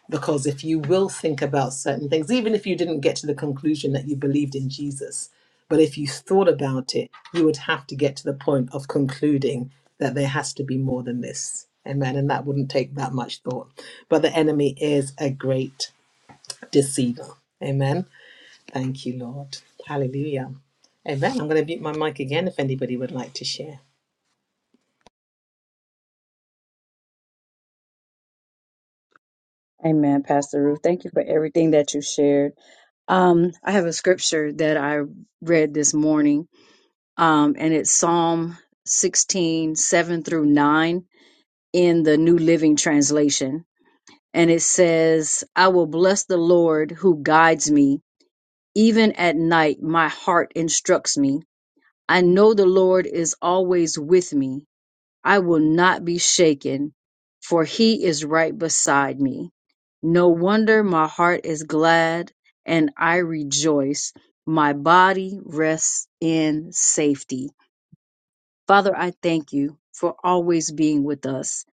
Speaker 3: because if you will think about certain things even if you didn't get to the conclusion that you believed in Jesus but if you thought about it you would have to get to the point of concluding that there has to be more than this amen and that wouldn't take that much thought but the enemy is a great deceiver amen thank you lord hallelujah amen i'm going to mute my mic again if anybody would like to share
Speaker 7: Amen, Pastor Ruth. Thank you for everything that you shared. Um, I have a scripture that I read this morning um, and it's Psalm 16:7 through 9 in the New Living Translation. And it says, I will bless the Lord who guides me. Even at night, my heart instructs me. I know the Lord is always with me. I will not be shaken, for he is right beside me. No wonder my heart is glad and I rejoice. My body rests in safety Father, I thank you for always being with us,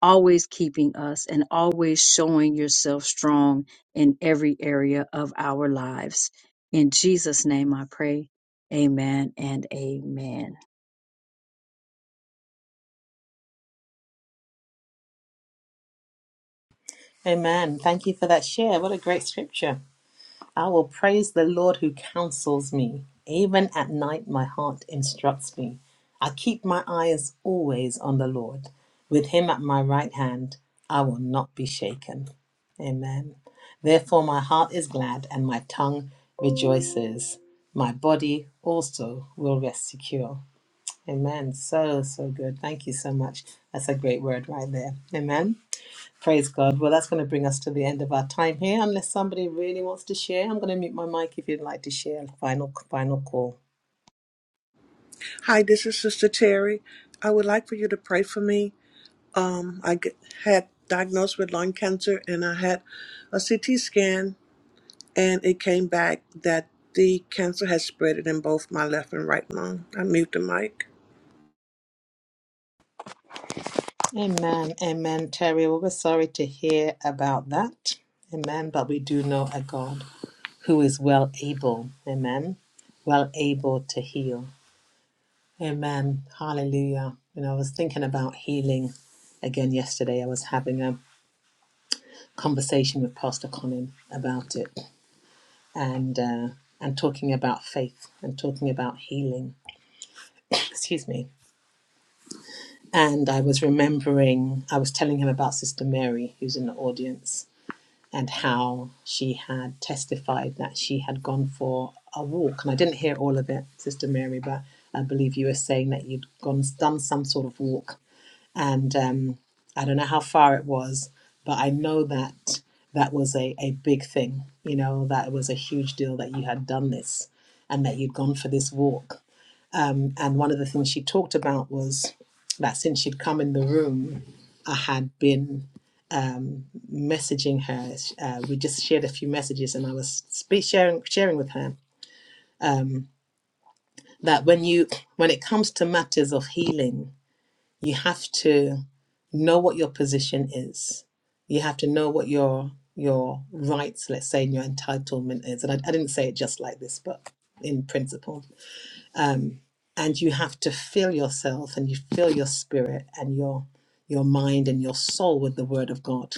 Speaker 7: always keeping us, and always showing yourself strong in every area of our lives. In Jesus' name I pray. Amen and amen.
Speaker 3: amen thank you for that share what a great scripture I will praise the Lord who counsels me. Even at night, my heart instructs me. I keep my eyes always on the Lord. With him at my right hand, I will not be shaken. Amen. Therefore, my heart is glad and my tongue rejoices. My body also will rest secure. Amen. So, so good. Thank you so much. That's a great word right there. Amen. Praise God. Well, that's going to bring us to the end of our time here. Unless somebody really wants to share, I'm going to mute my mic if you'd like to share. Final, final call.
Speaker 8: Hi, this is Sister Terry. I would like for you to pray for me. Um, I g- had diagnosed with lung cancer and I had a CT scan, and it came back that the cancer had spread it in both my left and right lung. I mute the mic.
Speaker 3: Amen. Amen, Terry. Well, we're sorry to hear about that. Amen. But we do know a God who is well able. Amen. Well able to heal. Amen. Hallelujah. You know, I was thinking about healing again yesterday. I was having a conversation with Pastor Colin about it. and uh, and talking about faith and talking about healing. Excuse me. And I was remembering, I was telling him about Sister Mary, who's in the audience, and how she had testified that she had gone for a walk. And I didn't hear all of it, Sister Mary, but I believe you were saying that you'd gone done some sort of walk and um, I don't know how far it was, but I know that that was a, a big thing. You know, that it was a huge deal that you had done this and that you'd gone for this walk. Um, And one of the things she talked about was that since she'd come in the room, I had been messaging her. Uh, we just shared a few messages, and I was spe- sharing sharing with her um, that when you when it comes to matters of healing you have to know what your position is. You have to know what your your rights, let's say, and your entitlement is. And I, I didn't say it just like this, but in principle. And you have to fill yourself and you fill your spirit and your your mind and your soul with the word of God.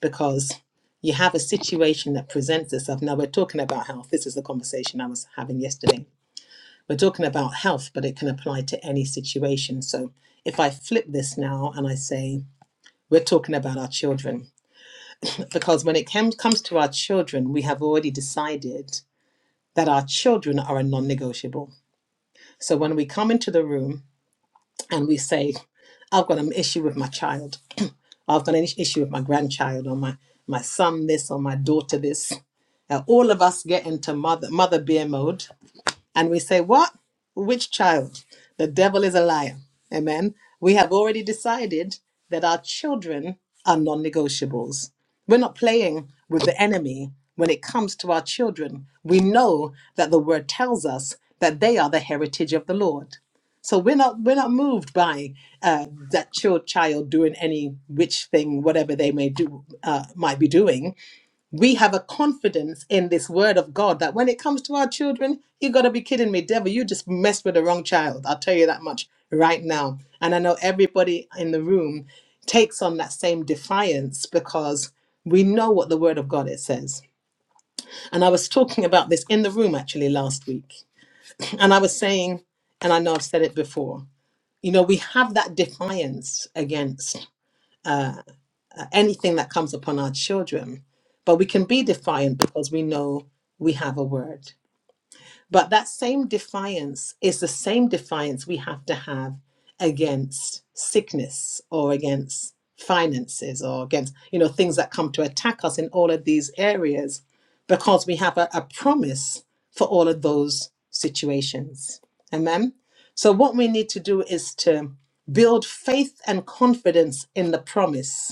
Speaker 3: Because you have a situation that presents itself. Now we're talking about health. This is the conversation I was having yesterday. We're talking about health, but it can apply to any situation. So if I flip this now and I say, we're talking about our children. Because when it comes to our children, we have already decided that our children are a non negotiable. So when we come into the room and we say, I've got an issue with my child, *clears throat* I've got an issue with my grandchild or my, my son this or my daughter this, uh, all of us get into mother, mother bear mode And we say, What? Which child? The devil is a liar. Amen. We have already decided that our children are non negotiables. We're not playing with the enemy when it comes to our children. We know that the word tells us that they are the heritage of the Lord. So we're not we're not moved by uh, that your child doing any witch thing, whatever they may do uh, might be doing we have a confidence in this word of God that when it comes to our children, you gotta be kidding me, devil. You just messed with the wrong child. I'll tell you that much right now. And I know everybody in the room takes on that same defiance because we know what the word of God it says. And I was talking about this in the room actually last week. And I was saying, and I know I've said it before, you know, we have that defiance against anything that comes upon our children. But we can be defiant because we know we have a word. But that same defiance is the same defiance we have to have against sickness or against finances or against you know things that come to attack us in all of these areas because we have a, a promise for all of those situations amen so what we need to do is to build faith and confidence in the promise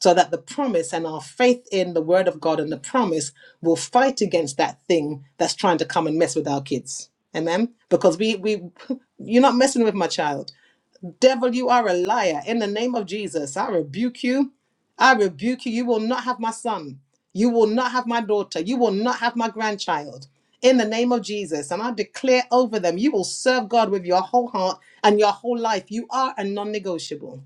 Speaker 3: so that the promise and our faith in the word of God and the promise will fight against that thing that's trying to come and mess with our kids. Amen. Because we we *laughs* you're not messing with my child. Devil, you are a liar. In the name of Jesus, I rebuke you. I rebuke you. You will not have my son. You will not have my daughter. You will not have my grandchild. In the name of Jesus. And I declare over them, you will serve God with your whole heart and your whole life. You are a non negotiable.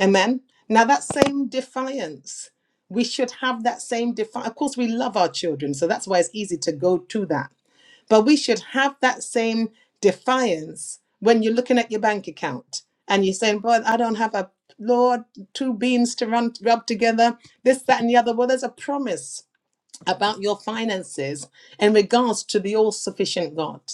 Speaker 3: Amen. Now, that same defiance, we should have that same defiance. Of course, we love our children, so that's why it's easy to go to that. But we should have that same defiance when you're looking at your bank account and you're saying, Boy, I don't have a Lord, two beans to run rub together, this, that, and the other. Well, there's a promise about your finances in regards to the all sufficient God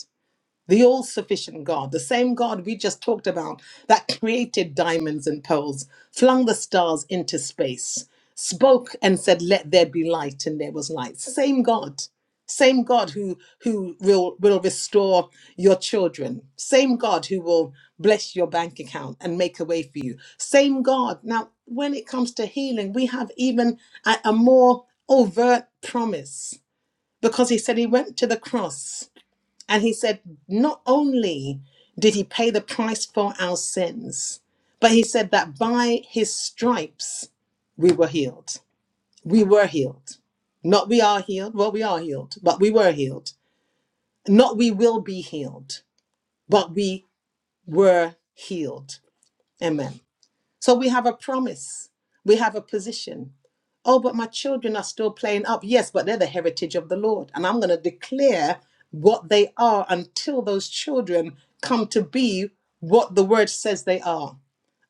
Speaker 3: the all sufficient God, the same God we just talked about that *coughs* created diamonds and pearls, flung the stars into space, spoke and said, Let there be light, and there was light. Same God. Same God who, who will, will restore your children. Same God who will bless your bank account and make a way for you. Same God. Now, when it comes to healing, we have even a, a more overt promise because he said he went to the cross and he said, not only did he pay the price for our sins, but he said that by his stripes we were healed. We were healed. Not we are healed. Well, we are healed, but we were healed. Not we will be healed, but we were healed. Amen. So we have a promise, we have a position. Oh, but my children are still playing up. Yes, but they're the heritage of the Lord. And I'm going to declare what they are until those children come to be what the word says they are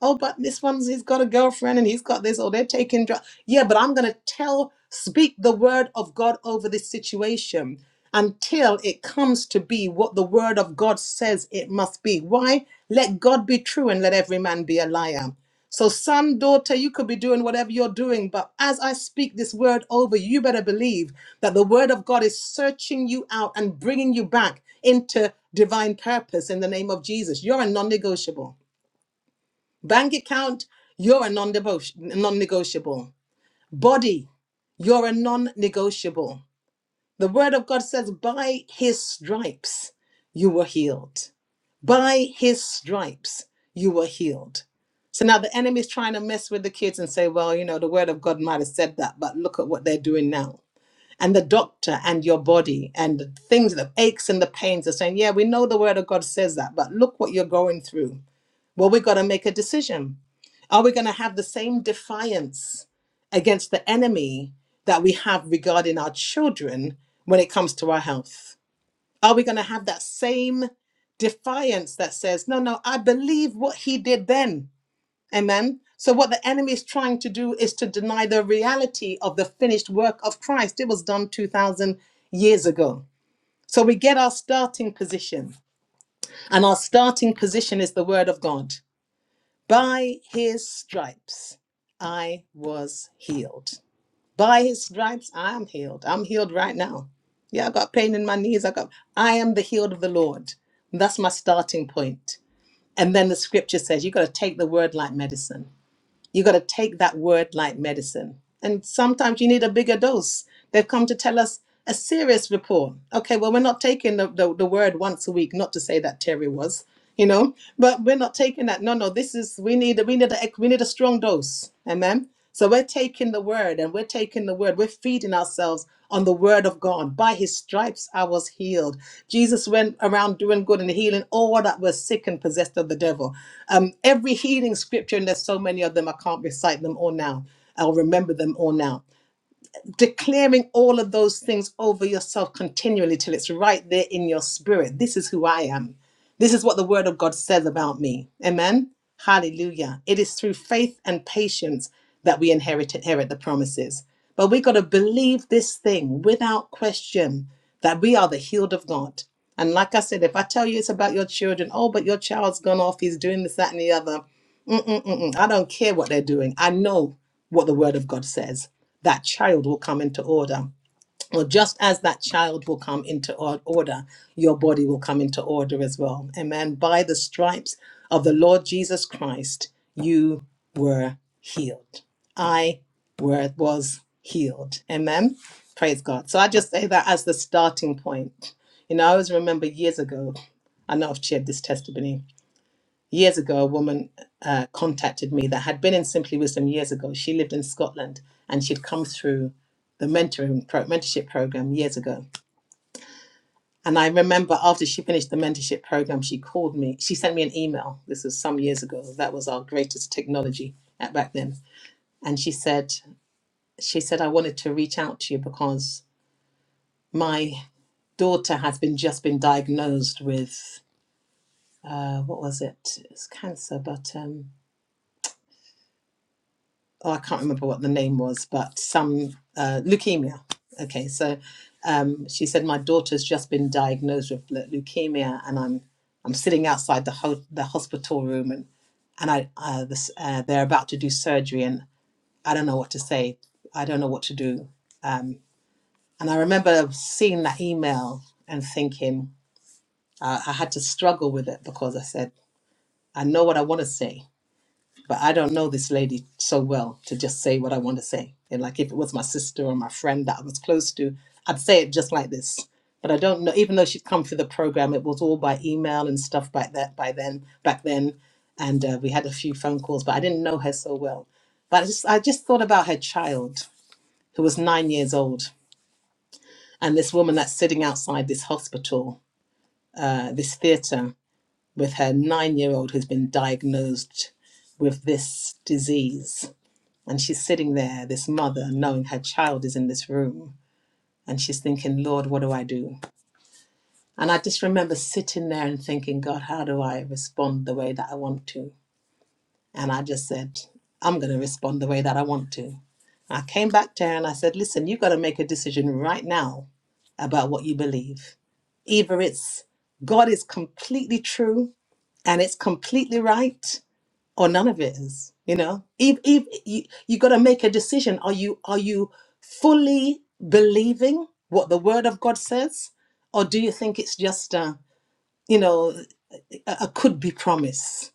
Speaker 3: oh, but this one's he's got a girlfriend and he's got this, or they're taking drugs. Yeah, but I'm gonna tell, speak the word of God over this situation until it comes to be what the word of God says it must be. Why? Let God be true and let every man be a liar. So, son, daughter, you could be doing whatever you're doing, but as I speak this word over you, you better believe that the word of God is searching you out and bringing you back into divine purpose in the name of Jesus. You're a non negotiable. Bank account, you're a non-debo- non-negotiable. Body, you're a non-negotiable. The word of God says, by his stripes you were healed. By his stripes you were healed. So now the enemy's trying to mess with the kids and say, well, you know, the word of God might have said that, but look at what they're doing now. And the doctor and your body and the things, the aches and the pains are saying, yeah, we know the word of God says that, but look what you're going through. Well, we've got to make a decision. Are we going to have the same defiance against the enemy that we have regarding our children when it comes to our health? Are we going to have that same defiance that says, no, no, I believe what he did then? Amen. So, what the enemy is trying to do is to deny the reality of the finished work of Christ. It was done 2,000 years ago. So, we get our starting position, and our starting position is the word of God. By his stripes, I was healed. By his stripes, I'm healed. I'm healed right now. Yeah, I got pain in my knees. I got, I am the healed of the Lord. And That's my starting point. And then the scripture says, you got to take the word like medicine. You got to take that word like medicine. And sometimes you need a bigger dose. They've come to tell us a serious report. Okay, well, we're not taking the, the, the word once a week, not to say that Terry was you know but we're not taking that no no this is we need we need a we need a strong dose amen so we're taking the word and we're taking the word we're feeding ourselves on the word of god by his stripes i was healed jesus went around doing good and healing all that were sick and possessed of the devil um, every healing scripture and there's so many of them i can't recite them all now i'll remember them all now declaring all of those things over yourself continually till it's right there in your spirit. This is who I am. This is what the word of God says about me. Amen. Hallelujah. It is through faith and patience that we inherit inherit the promises. But we got to believe this thing without question that we are the healed of God. And like I said, if I tell you it's about your children, oh, but your child's gone off, he's doing this, that, and the other. Mm-mm-mm. I don't care what they're doing. I know what the word of God says. That child will come into order. Or just as that child will come into or- order, your body will come into order as well. Amen. By the stripes of the Lord Jesus Christ, you were healed. I were, was healed. Amen. Praise God. So I just say that as the starting point. You know, I always remember years ago, I know I've shared this testimony years ago, a woman uh, contacted me that had been in Simply Wisdom years ago. She lived in Scotland and she'd come through the mentoring pro- mentorship program years ago. And I remember after she finished the mentorship program, she called me. She sent me an email. This was some years ago. That was our greatest technology at back then. And she said, she said, I wanted to reach out to you because my daughter has been just been diagnosed with uh, what was it? It's cancer, but um, oh, I can't remember what the name was, but some uh, leukemia. Okay, so um, she said my daughter's just been diagnosed with le- leukemia, and I'm I'm sitting outside the ho- the hospital room, and and I uh, this, uh, they're about to do surgery, and I don't know what to say. I don't know what to do. Um, and I remember seeing that email and thinking uh, I had to struggle with it because I said I know what I want to say, but I don't know this lady so well to just say what I want to say. And like if it was my sister or my friend that I was close to, I'd say it just like this. But I don't know. Even though she'd come through the program, it was all by email and stuff by that by then. Back then, and uh, we had a few phone calls, but I didn't know her so well. But I just I just thought about her child who was nine years old, and this woman that's sitting outside this hospital, uh, this theater, with her nine-year-old who's been diagnosed with this disease and she's sitting there, this mother, knowing her child is in this room. And she's thinking, Lord, what do I do? And I just remember sitting there and thinking, God, how do I respond the way that I want to? And I just said, I'm going to respond the way that I want to. I came back to her and I said, Listen, you've got to make a decision right now about what you believe. Either it's God is completely true and it's completely right, or none of it is you know if if you, you got to make a decision are you are you fully believing what the word of god says or do you think it's just a you know a, a could be promise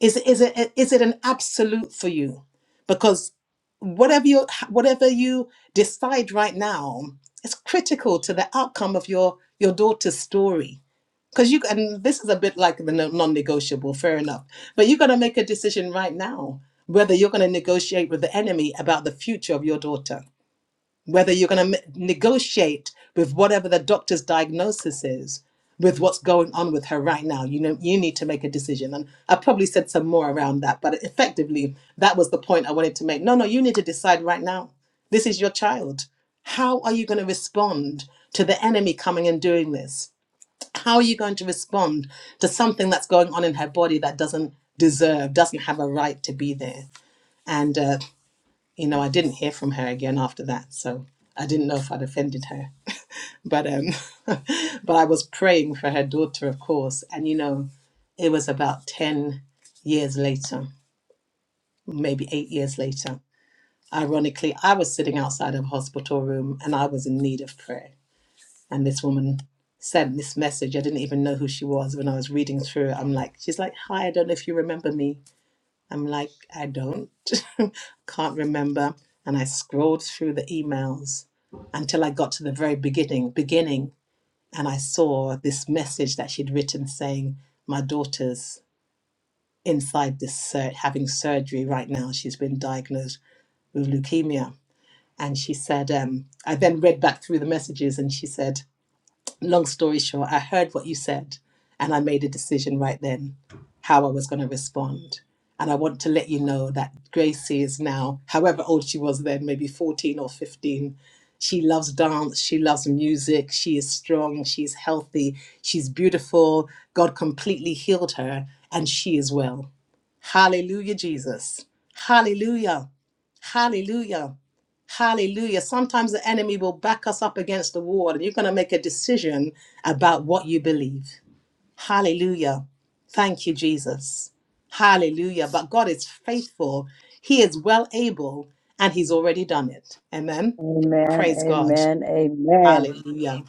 Speaker 3: is it is it is it an absolute for you because whatever you whatever you decide right now it's critical to the outcome of your your daughter's story because you and this is a bit like the no- non-negotiable fair enough but you have got to make a decision right now whether you're going to negotiate with the enemy about the future of your daughter whether you're going to negotiate with whatever the doctor's diagnosis is with what's going on with her right now you know you need to make a decision and i probably said some more around that but effectively that was the point i wanted to make no no you need to decide right now this is your child how are you going to respond to the enemy coming and doing this how are you going to respond to something that's going on in her body that doesn't deserve, doesn't have a right to be there? And, uh, you know, I didn't hear from her again after that. So I didn't know if I'd offended her. *laughs* But, um, *laughs* but I was praying for her daughter, of course. And, you know, it was about 10 years later, maybe eight years later. Ironically, I was sitting outside of a hospital room and I was in need of prayer and this woman sent this message. I didn't even know who she was when I was reading through it. I'm like, she's like, hi, I don't know if you remember me. I'm like, I don't, *laughs* can't remember. And I scrolled through the emails until I got to the very beginning, beginning, and I saw this message that she'd written saying, my daughter's inside this sur- having surgery right now. She's been diagnosed with leukemia. And she said, um, I then read back through the messages and she said, long story short, I heard what you said and I made a decision right then how I was going to respond. And I want to let you know that Gracie is now, however old she was then, maybe 14 or 15. She loves dance. She loves music. She is strong. She's healthy. She's beautiful. God completely healed her and she is well. Hallelujah, Jesus. Hallelujah. Hallelujah. Hallelujah. Sometimes the enemy will back us up against the wall, and you're going to make a decision about what you believe. Hallelujah. Thank you, Jesus. Hallelujah. But God is faithful, He is well able, and He's already done it. Amen.
Speaker 7: Amen,
Speaker 3: Praise God.
Speaker 7: amen, amen.
Speaker 3: Hallelujah.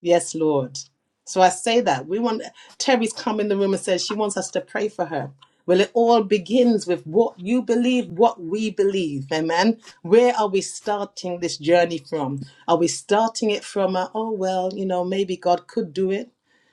Speaker 3: Yes, Lord. So I say that we want Terry's come in the room and says she wants us to pray for her. Well, it all begins with what you believe, what we believe. Amen. Where are we starting this journey from? Are we starting it from a, oh well, you know, maybe God could do it?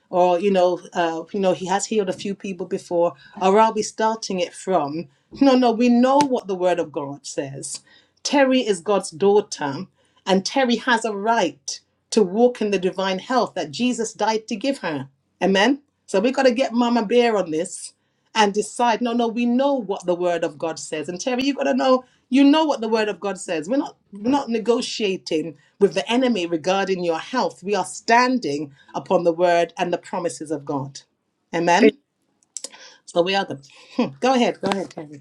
Speaker 3: Or, you know, uh, you know, he has healed a few people before. Or are we starting it from, no, no, we know what the word of God says. Terry is God's daughter, and Terry has a right to walk in the divine health that Jesus died to give her. Amen. So we got to get Mama Bear on this and decide no, no, we know what the Word of God says. And Terry, you got to know, you know what the Word of God says. We're not, we're not negotiating with the enemy regarding your health. We are standing upon the Word and the promises of God.
Speaker 8: And
Speaker 3: Amen. So we are the. Hmm, go ahead, go ahead, Terry.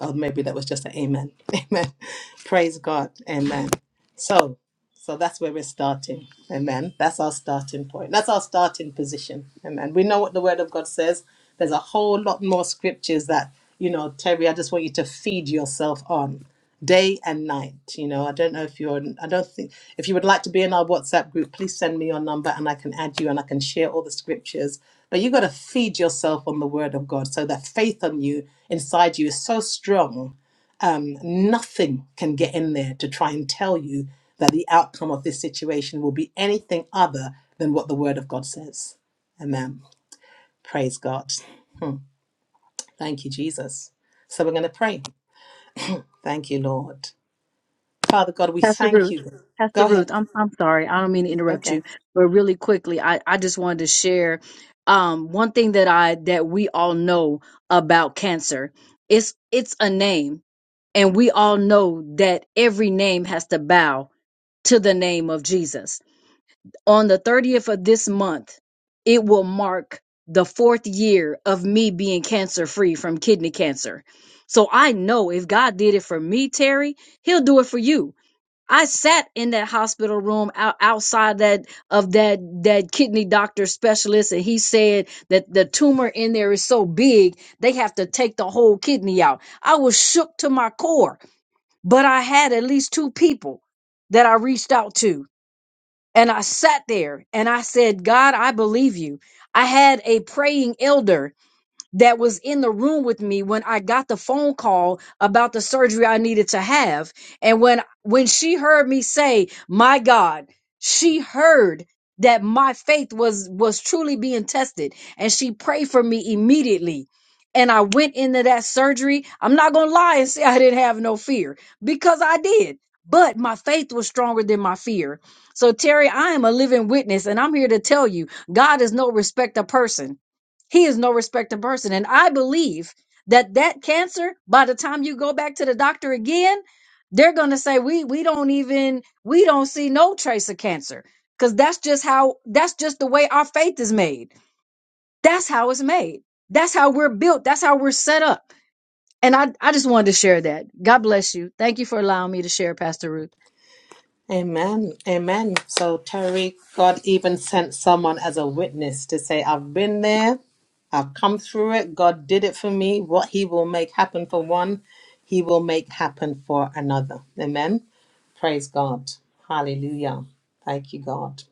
Speaker 3: Oh, maybe that was just an amen. *laughs* Amen. Praise God. Amen. So, so that's where we're starting. Amen. That's our starting point. That's our starting position. Amen. We know what the word of God says. There's a whole lot more scriptures that, you know, Terry, I just want you to feed yourself on day and night. You know, I don't know if you're, I don't think, if you would like to be in our WhatsApp group, please send me your number and I can add you and I can share all the scriptures. But you got to feed yourself on the word of God so that faith on you, inside you, is so strong um, nothing can get in there to try and tell you that the outcome of this situation will be anything other than what the Word of God says. Amen. Praise God. Hmm. Thank you, Jesus. So we're going to pray. Thank you, Lord. Father God, we
Speaker 7: Pastor
Speaker 3: thank
Speaker 7: Ruth.
Speaker 3: you. Go
Speaker 7: Pastor
Speaker 3: ahead.
Speaker 7: Ruth, I'm I'm sorry. I don't mean to interrupt
Speaker 3: Okay.
Speaker 7: you, but really quickly, I, I just wanted to share um one thing that I that we all know about cancer. It's it's a name. And we all know that every name has to bow to the name of Jesus. On the 30th of this month, it will mark the fourth year of me being cancer free from kidney cancer. So I know if God did it for me, Terry, he'll do it for you. I sat in that hospital room out, outside that of that that kidney doctor specialist and he said that the tumor in there is so big they have to take the whole kidney out. I was shook to my core but I had at least two people that I reached out to. And I sat there and I said, God, I believe you. I had a praying elder that was in the room with me when I got the phone call about the surgery I needed to have. And when when she heard me say, "My God," she heard that my faith was was truly being tested and she prayed for me immediately. And I went into that surgery. I'm not going to lie and say I didn't have no fear because I did. But my faith was stronger than my fear. So, Terry, I am a living witness, and I'm here to tell you God is no respecter person. He is no respecter person. And I believe that that cancer, by the time you go back to the doctor again, they're going to say, we, we don't even, we don't see no trace of cancer. Cause that's just how, that's just the way our faith is made. That's how it's made. That's how we're built. That's how we're set up. And I, I just wanted to share that. God bless you. Thank you for allowing me to share, Pastor Ruth.
Speaker 3: Amen. Amen. So, Terry, God even sent someone as a witness to say, I've been there, I've come through it, God did it for me. What He will make happen for one, He will make happen for another. Amen. Praise God. Hallelujah. Thank you, God.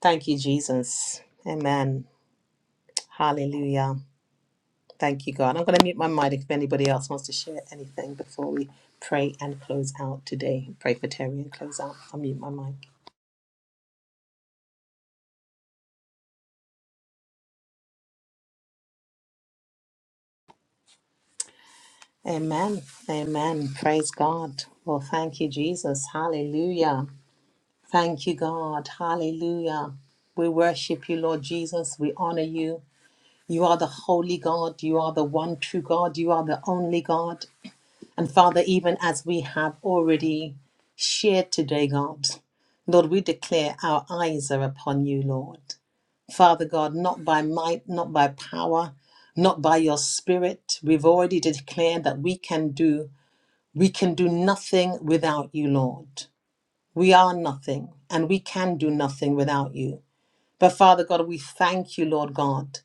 Speaker 3: Thank you, Jesus. Amen. Hallelujah. Thank you, God. I'm going to mute my mic if anybody else wants to share anything before we pray and close out today. Pray for Terry and close out. I'll mute my mic. Amen. Amen. Praise God. Well, thank you, Jesus. Hallelujah. Thank you, God. Hallelujah. We worship you, Lord Jesus. We honor you. You are the holy God. You are the one true God. You are the only God. And Father, even as we have already shared today, God, Lord, we declare our eyes are upon you, Lord. Father God, not by might, not by power, not by your spirit. We've already declared that we can do we can do nothing without you, Lord. We are nothing and we can do nothing without you. But Father God, we thank you, Lord God.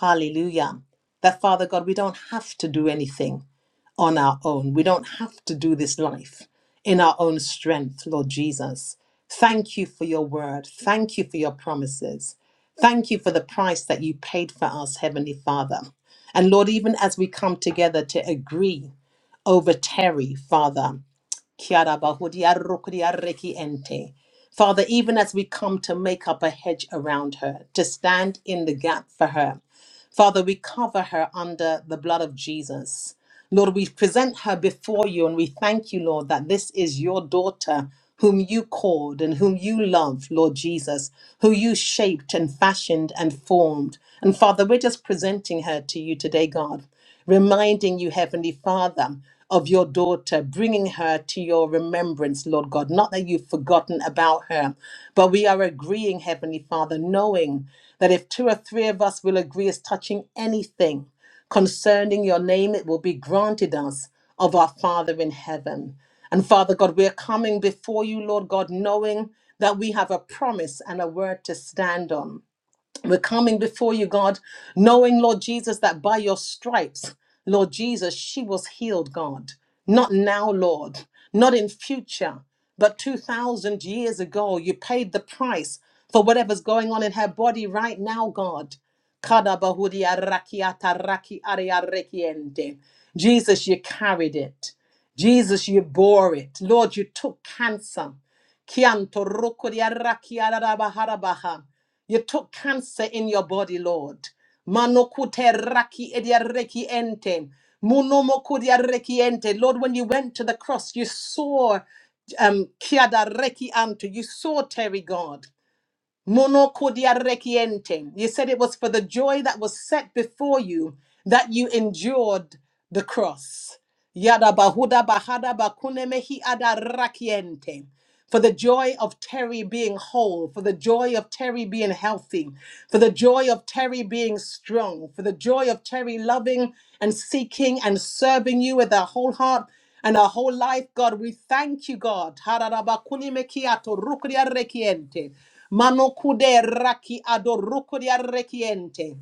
Speaker 3: Hallelujah. That Father God, we don't have to do anything on our own. We don't have to do this life in our own strength, Lord Jesus. Thank you for your word. Thank you for your promises. Thank you for the price that you paid for us, Heavenly Father. And Lord, even as we come together to agree over Terry, Father. Kiara bahudi arrukri arreki ente. Father, even as we come to make up a hedge around her, to stand in the gap for her, Father, we cover her under the blood of Jesus. Lord, we present her before you and we thank you, Lord, that this is your daughter whom you called and whom you love, Lord Jesus, who you shaped and fashioned and formed. And Father, we're just presenting her to you today, God, reminding you, Heavenly Father, of your daughter, bringing her to your remembrance, Lord God. Not that you've forgotten about her, but we are agreeing, Heavenly Father, knowing that if two or three of us will agree as touching anything, Concerning your name, it will be granted us of our Father in heaven. And Father God, we are coming before you, Lord God, knowing that we have a promise and a word to stand on. We're coming before you, God, knowing, Lord Jesus, that by your stripes, Lord Jesus, she was healed, God. Not now, Lord, not in future, but 2,000 years ago, you paid the price for whatever's going on in her body right now, God. Kadabahudia rakiata raki aria rekiente. Jesus, you carried it. Jesus, you bore it. Lord, you took cancer. Kianto roko di araki You took cancer in your body, Lord. Manokute raki ediareki ente. Munomoko diareki ente. Lord, when you went to the cross, you saw um kiada reki anto. You saw Terry God. Monoko diareki ente. You said it was for the joy that was set before you that you endured the cross. Yada bahuda bahada bakune ada rakiente. For the joy of Terry being whole, for the joy of Terry being healthy, for the joy of Terry being strong, for the joy of Terry loving and seeking and serving you with our whole heart and our whole life, God, we thank you, God. Hararabakuni mekiato rukuria rekiente. Mano kude raki ado rukuria rekiente.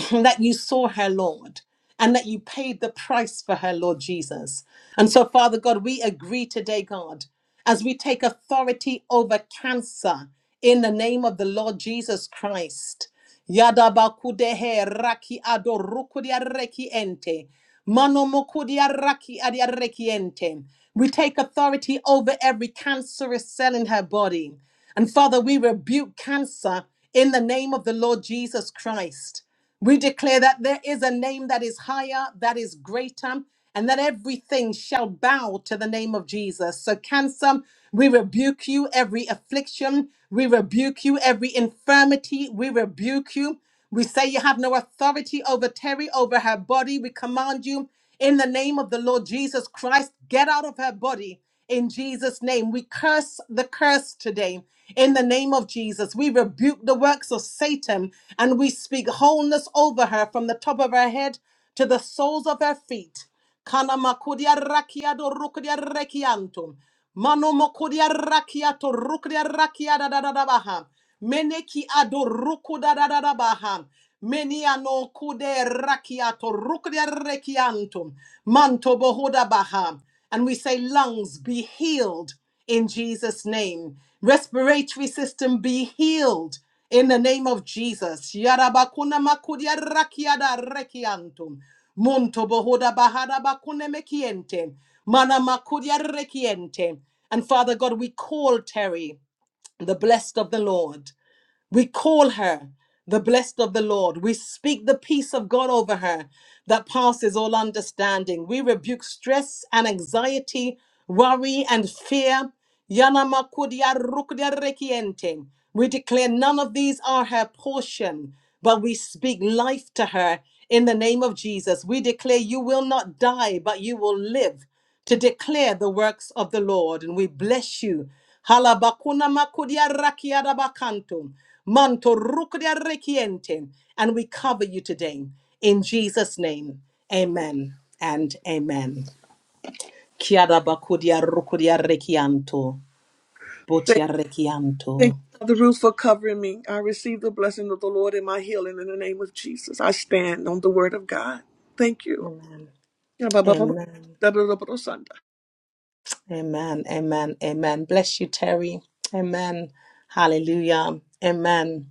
Speaker 3: *clears throat* that you saw her, Lord, and that you paid the price for her, Lord Jesus. And so, Father God, we agree today, God, as we take authority over cancer in the name of the Lord Jesus Christ. Yadabakudehe raki adorukudia reki ente. Manomokudia raki adia reki ente. We take authority over every cancerous cell in her body. And Father, we rebuke cancer in the name of the Lord Jesus Christ. We declare that there is a name that is higher, that is greater, and that everything shall bow to the name of Jesus. So, cancer, we rebuke you, every affliction, we rebuke you, every infirmity, we rebuke you. We say you have no authority over Terry, over her body. We command you in the name of the Lord Jesus Christ, get out of her body in Jesus' name. We curse the curse today in the name of Jesus. We rebuke the works of Satan and we speak wholeness over her from the top of her head to the soles of her feet. Kana makudia rakiado rukudia rekiantum. Mano mokudia rakiato rukudia rakiada da da da baha. Meneki ado rukuda da da da baha. Meniano kude rakiato rukudia rekiantum. Manto bohuda baha and we say, lungs, be healed in Jesus' name. Respiratory system, be healed in the name of Jesus. Yarabakuna makudia rakiada rekiantum. Monto bohoda bahada bakune mekiente. Mana makudia rekiente. And Father God, we call Terry the blessed of the Lord. We call her the blessed of the Lord. We speak the peace of God over her that passes all understanding. We rebuke stress and anxiety, worry and fear. Yana makudia rukudia rekiente. We declare none of these are her portion, but we speak life to her in the name of Jesus. We declare you will not die, but you will live to declare the works of the Lord. And we bless you. Halabakuna makudia rakia rabakantum, manto rukudia rekientem. And we cover you today. In Jesus' name, amen and amen. Kiada bakudia rukudia rekianto,
Speaker 8: thank,
Speaker 3: butia
Speaker 8: thank
Speaker 3: rekianto.
Speaker 8: you, Mother Ruth, for covering me. I receive the blessing of the Lord in my healing in the name of Jesus. I stand on the word of God. Thank you.
Speaker 3: Amen. Amen. Amen. Amen. Amen. Bless you, Terry. Amen. Hallelujah. Amen.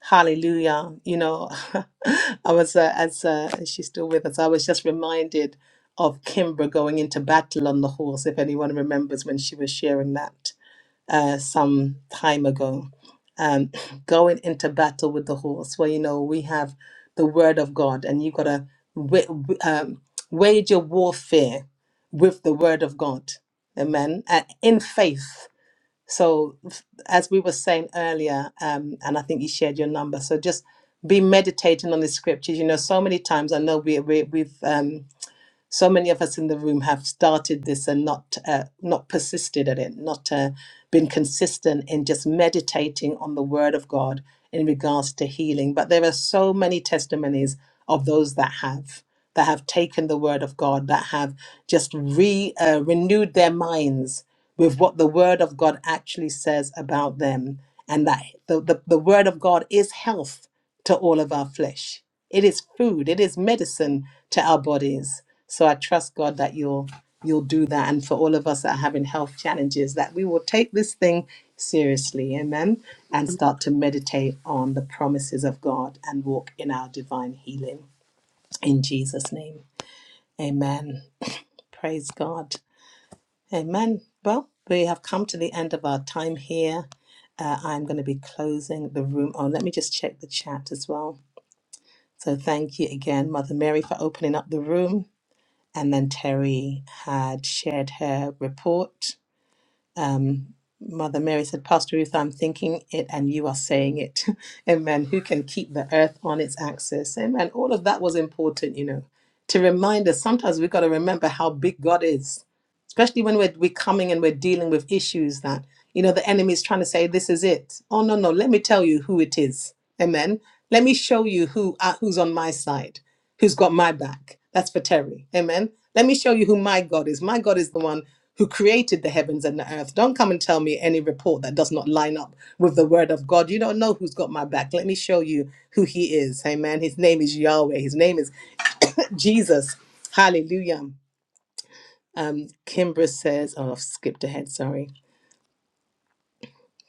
Speaker 3: Hallelujah. You know, *laughs* I was, uh, as uh, she's still with us, I was just reminded of Kimbra going into battle on the horse, if anyone remembers when she was sharing that uh, some time ago. Um, *clears throat* going into battle with the horse, Well, you know, we have the word of God and you got to w- w- um, wage your warfare with the word of God. Amen. Uh, in faith. So, f- as we were saying earlier, um, and I think you shared your number, so just be meditating on the scriptures. You know, so many times I know we, we we've um, so many of us in the room have started this and not uh, not persisted at it, not uh, been consistent in just meditating on the Word of God in regards to healing. But there are so many testimonies of those that have that have taken the word of God, that have just re, uh, renewed their minds with what the word of God actually says about them, and that the, the, the word of God is health to all of our flesh. It is food, it is medicine to our bodies. So I trust God that you'll you'll do that and for all of us that are having health challenges that we will take this thing seriously amen and start to meditate on the promises of god and walk in our divine healing in jesus name Amen. Praise God. Amen. Well, we have come to the end of our time here. Uh, I'm going to be closing the room. Oh, let me just check the chat as well. So, thank you again, Mother Mary, for opening up the room. And then Terry had shared her report. Um, Mother Mary said, Pastor Ruth, I'm thinking it and you are saying it. *laughs* Amen. Who can keep the earth on its axis? Amen. All of that was important, you know, to remind us sometimes we've got to remember how big God is, especially when we're, we're coming and we're dealing with issues that, you know, the enemy is trying to say, this is it. Oh, no, no. Let me tell you who it is. Amen. Let me show you who uh, who's on my side who's got my back. That's for Terry. Amen. Let me show you who my God is. My God is the one who created the heavens and the earth. Don't come and tell me any report that does not line up with the word of God. You don't know who's got my back. Let me show you who he is. Amen. His name is Yahweh. His name is Jesus. Hallelujah. Um, Kimbra says, oh, I've skipped ahead. Sorry.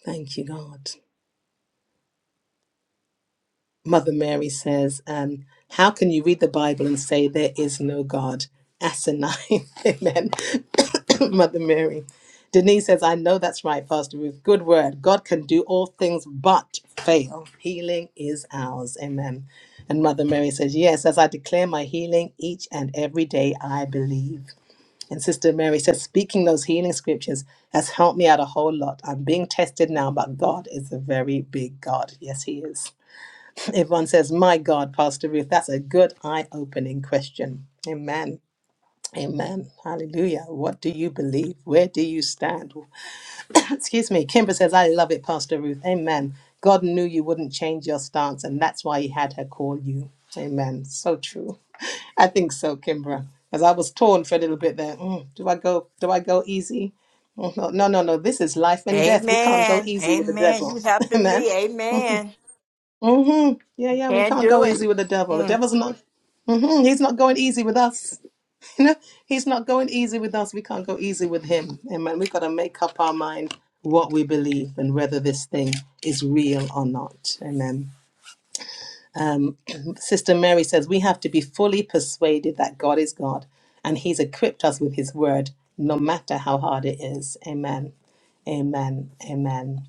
Speaker 3: Thank you, God. Mother Mary says, um, How can you read the Bible and say there is no God? Asinine. *laughs* Amen. *coughs* Mother Mary. Denise says, I know that's right, Pastor Ruth. Good word. God can do all things but fail. Healing is ours. Amen. And Mother Mary says, Yes, as I declare my healing each and every day, I believe. And Sister Mary says, Speaking those healing scriptures has helped me out a whole lot. I'm being tested now, but God is a very big God. Yes, He is. Yvonne says, My God, Pastor Ruth, that's a good eye opening question. Amen. Amen. Hallelujah. What do you believe? Where do you stand? *coughs* Excuse me. Kimber says, I love it, Pastor Ruth. Amen. God knew you wouldn't change your stance, and that's why he had her call you. Amen. So true. I think so, Kimbra. As I was torn for a little bit there. Mm, do I go? Do I go easy? Mm, No, no, no. no, This is life and death. We can't go
Speaker 6: Amen.
Speaker 3: easy with the
Speaker 6: Amen.
Speaker 3: devil.
Speaker 6: You
Speaker 3: *laughs*
Speaker 6: helping
Speaker 3: Amen.
Speaker 6: me. Amen.
Speaker 3: Mm-hmm. Yeah, yeah. We
Speaker 6: Can't
Speaker 3: can't
Speaker 6: do
Speaker 3: go
Speaker 6: it.
Speaker 3: easy with the devil. The
Speaker 6: Mm.
Speaker 3: devil's not. Mm-hmm. He's not going easy with us. *laughs* You know, he's not going easy with us. We can't go easy with him. Amen. We've got to make up our mind what we believe and whether this thing is real or not. Amen. Um, *clears throat* Sister Mary says we have to be fully persuaded that God is God and He's equipped us with His word, no matter how hard it is. Amen. Amen. Amen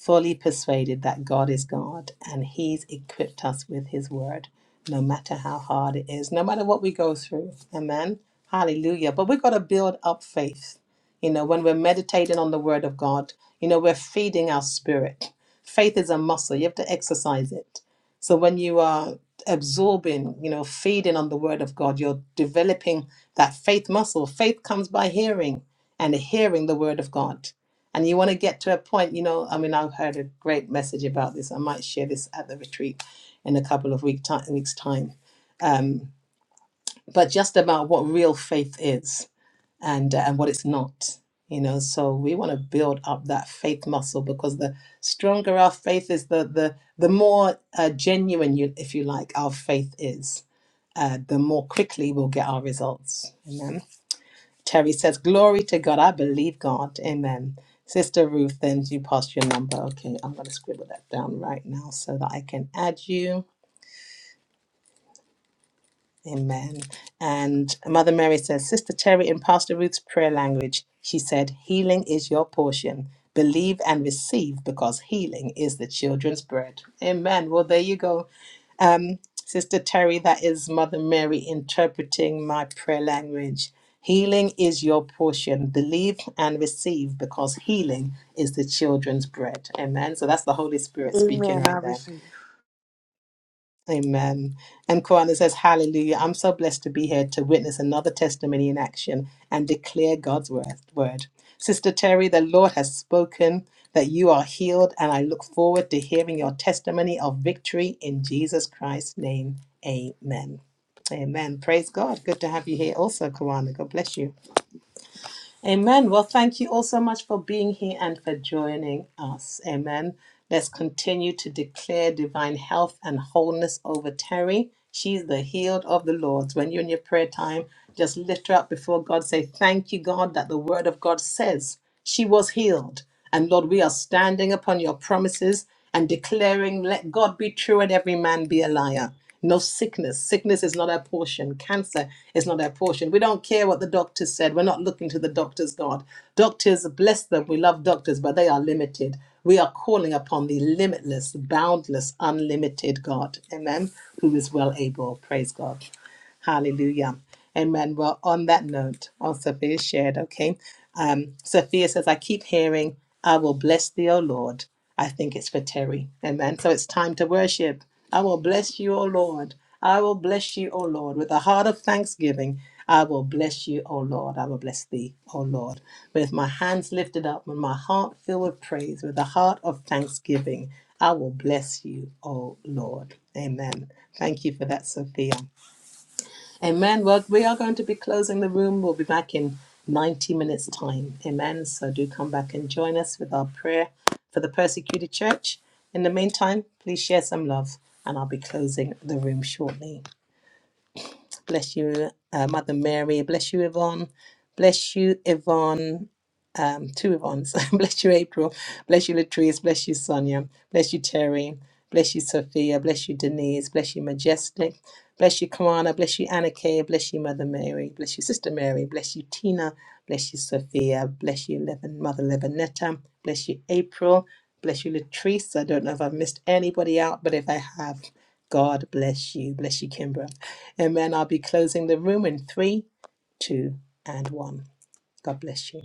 Speaker 3: fully persuaded that God is God and He's equipped us with His word, no matter how hard it is, no matter what we go through. Amen. Hallelujah. But we've got to build up faith. You know, when we're meditating on the word of God, you know, we're feeding our spirit. Faith is a muscle, you have to exercise it. So when you are absorbing, you know, feeding on the word of God, you're developing that faith muscle. Faith comes by hearing and hearing the word of God and you want to get to a point you know i mean i've heard a great message about this i might share this at the retreat in a couple of week time, weeks time um, but just about what real faith is and uh, and what it's not you know so we want to build up that faith muscle because the stronger our faith is the the the more uh, genuine you if you like our faith is uh, the more quickly we'll get our results Amen. Terry says, Glory to God. I believe God. Amen. Sister Ruth, then you passed your number. Okay, I'm going to scribble that down right now so that I can add you. Amen. And Mother Mary says, Sister Terry, in Pastor Ruth's prayer language, she said, Healing is your portion. Believe and receive because healing is the children's bread. Amen. Well, there you go. Um, Sister Terry, that is Mother Mary interpreting my prayer language. Healing is your portion. Believe and receive because healing is the children's bread. Amen. So that's the Holy Spirit speaking
Speaker 8: Amen. I
Speaker 3: right there.
Speaker 8: receive.
Speaker 3: Amen. And Koana says, Hallelujah. I'm so blessed to be here to witness another testimony in action and declare God's wor- word. Sister Terry, the Lord has spoken that you are healed, and I look forward to hearing your testimony of victory in Jesus Christ's name. Amen. Amen. Praise God. Good to have you here also, Koana. God bless you. Amen. Well, thank you all so much for being here and for joining us. Amen. Let's continue to declare divine health and wholeness over Terry. She's the healed of the Lord. When you're in your prayer time, just lift her up before God. Say, Thank you, God, that the word of God says she was healed. And Lord, we are standing upon your promises and declaring, let God be true and every man be a liar. No sickness. Sickness is not our portion. Cancer is not our portion. We don't care what the doctors said. We're not looking to the doctors, God. Doctors, bless them. We love doctors, but they are limited. We are calling upon the limitless, boundless, unlimited God. Amen. Who is well able. Praise God. Hallelujah. Amen. Well, on that note, on Sophia's shared, okay. Um, Sophia says, I keep hearing, I will bless thee, O Lord. I think it's for Terry. Amen. So it's time to worship. I will bless you, O Lord. I will bless you, O Lord, with a heart of thanksgiving. I will bless you, O Lord. I will bless thee, O Lord, with my hands lifted up, with my heart filled with praise, with a heart of thanksgiving. I will bless you, O Lord. Amen. Thank you for that, Sophia. Amen. Well, we are going to be closing the room. We'll be back in 90 minutes' time. Amen. So do come back and join us with our prayer for the persecuted church. In the meantime, please share some love, and I'll be closing the room shortly. Bless you, uh, Mother Mary. Bless you, Yvonne. Bless you, Yvonne um, two Yvonne's. *laughs* bless you, April. Bless you, Latrice. Bless you, Sonia. Bless you, Terry. Bless you, Sophia. Bless you, Denise. Bless you, Majestic. Bless you, Kamana. Bless you, Anna Kay. Bless you, Mother Mary. Bless you, Sister Mary. Bless you, Tina. Bless you, Sophia. Bless you, Levin, Mother Levinetta. Bless you, April. Bless you, Latrice. I don't know if I've missed anybody out, but if I have, God bless you. Bless you, Kimbra. Amen. I'll be closing the room in three, two, and one. God bless you.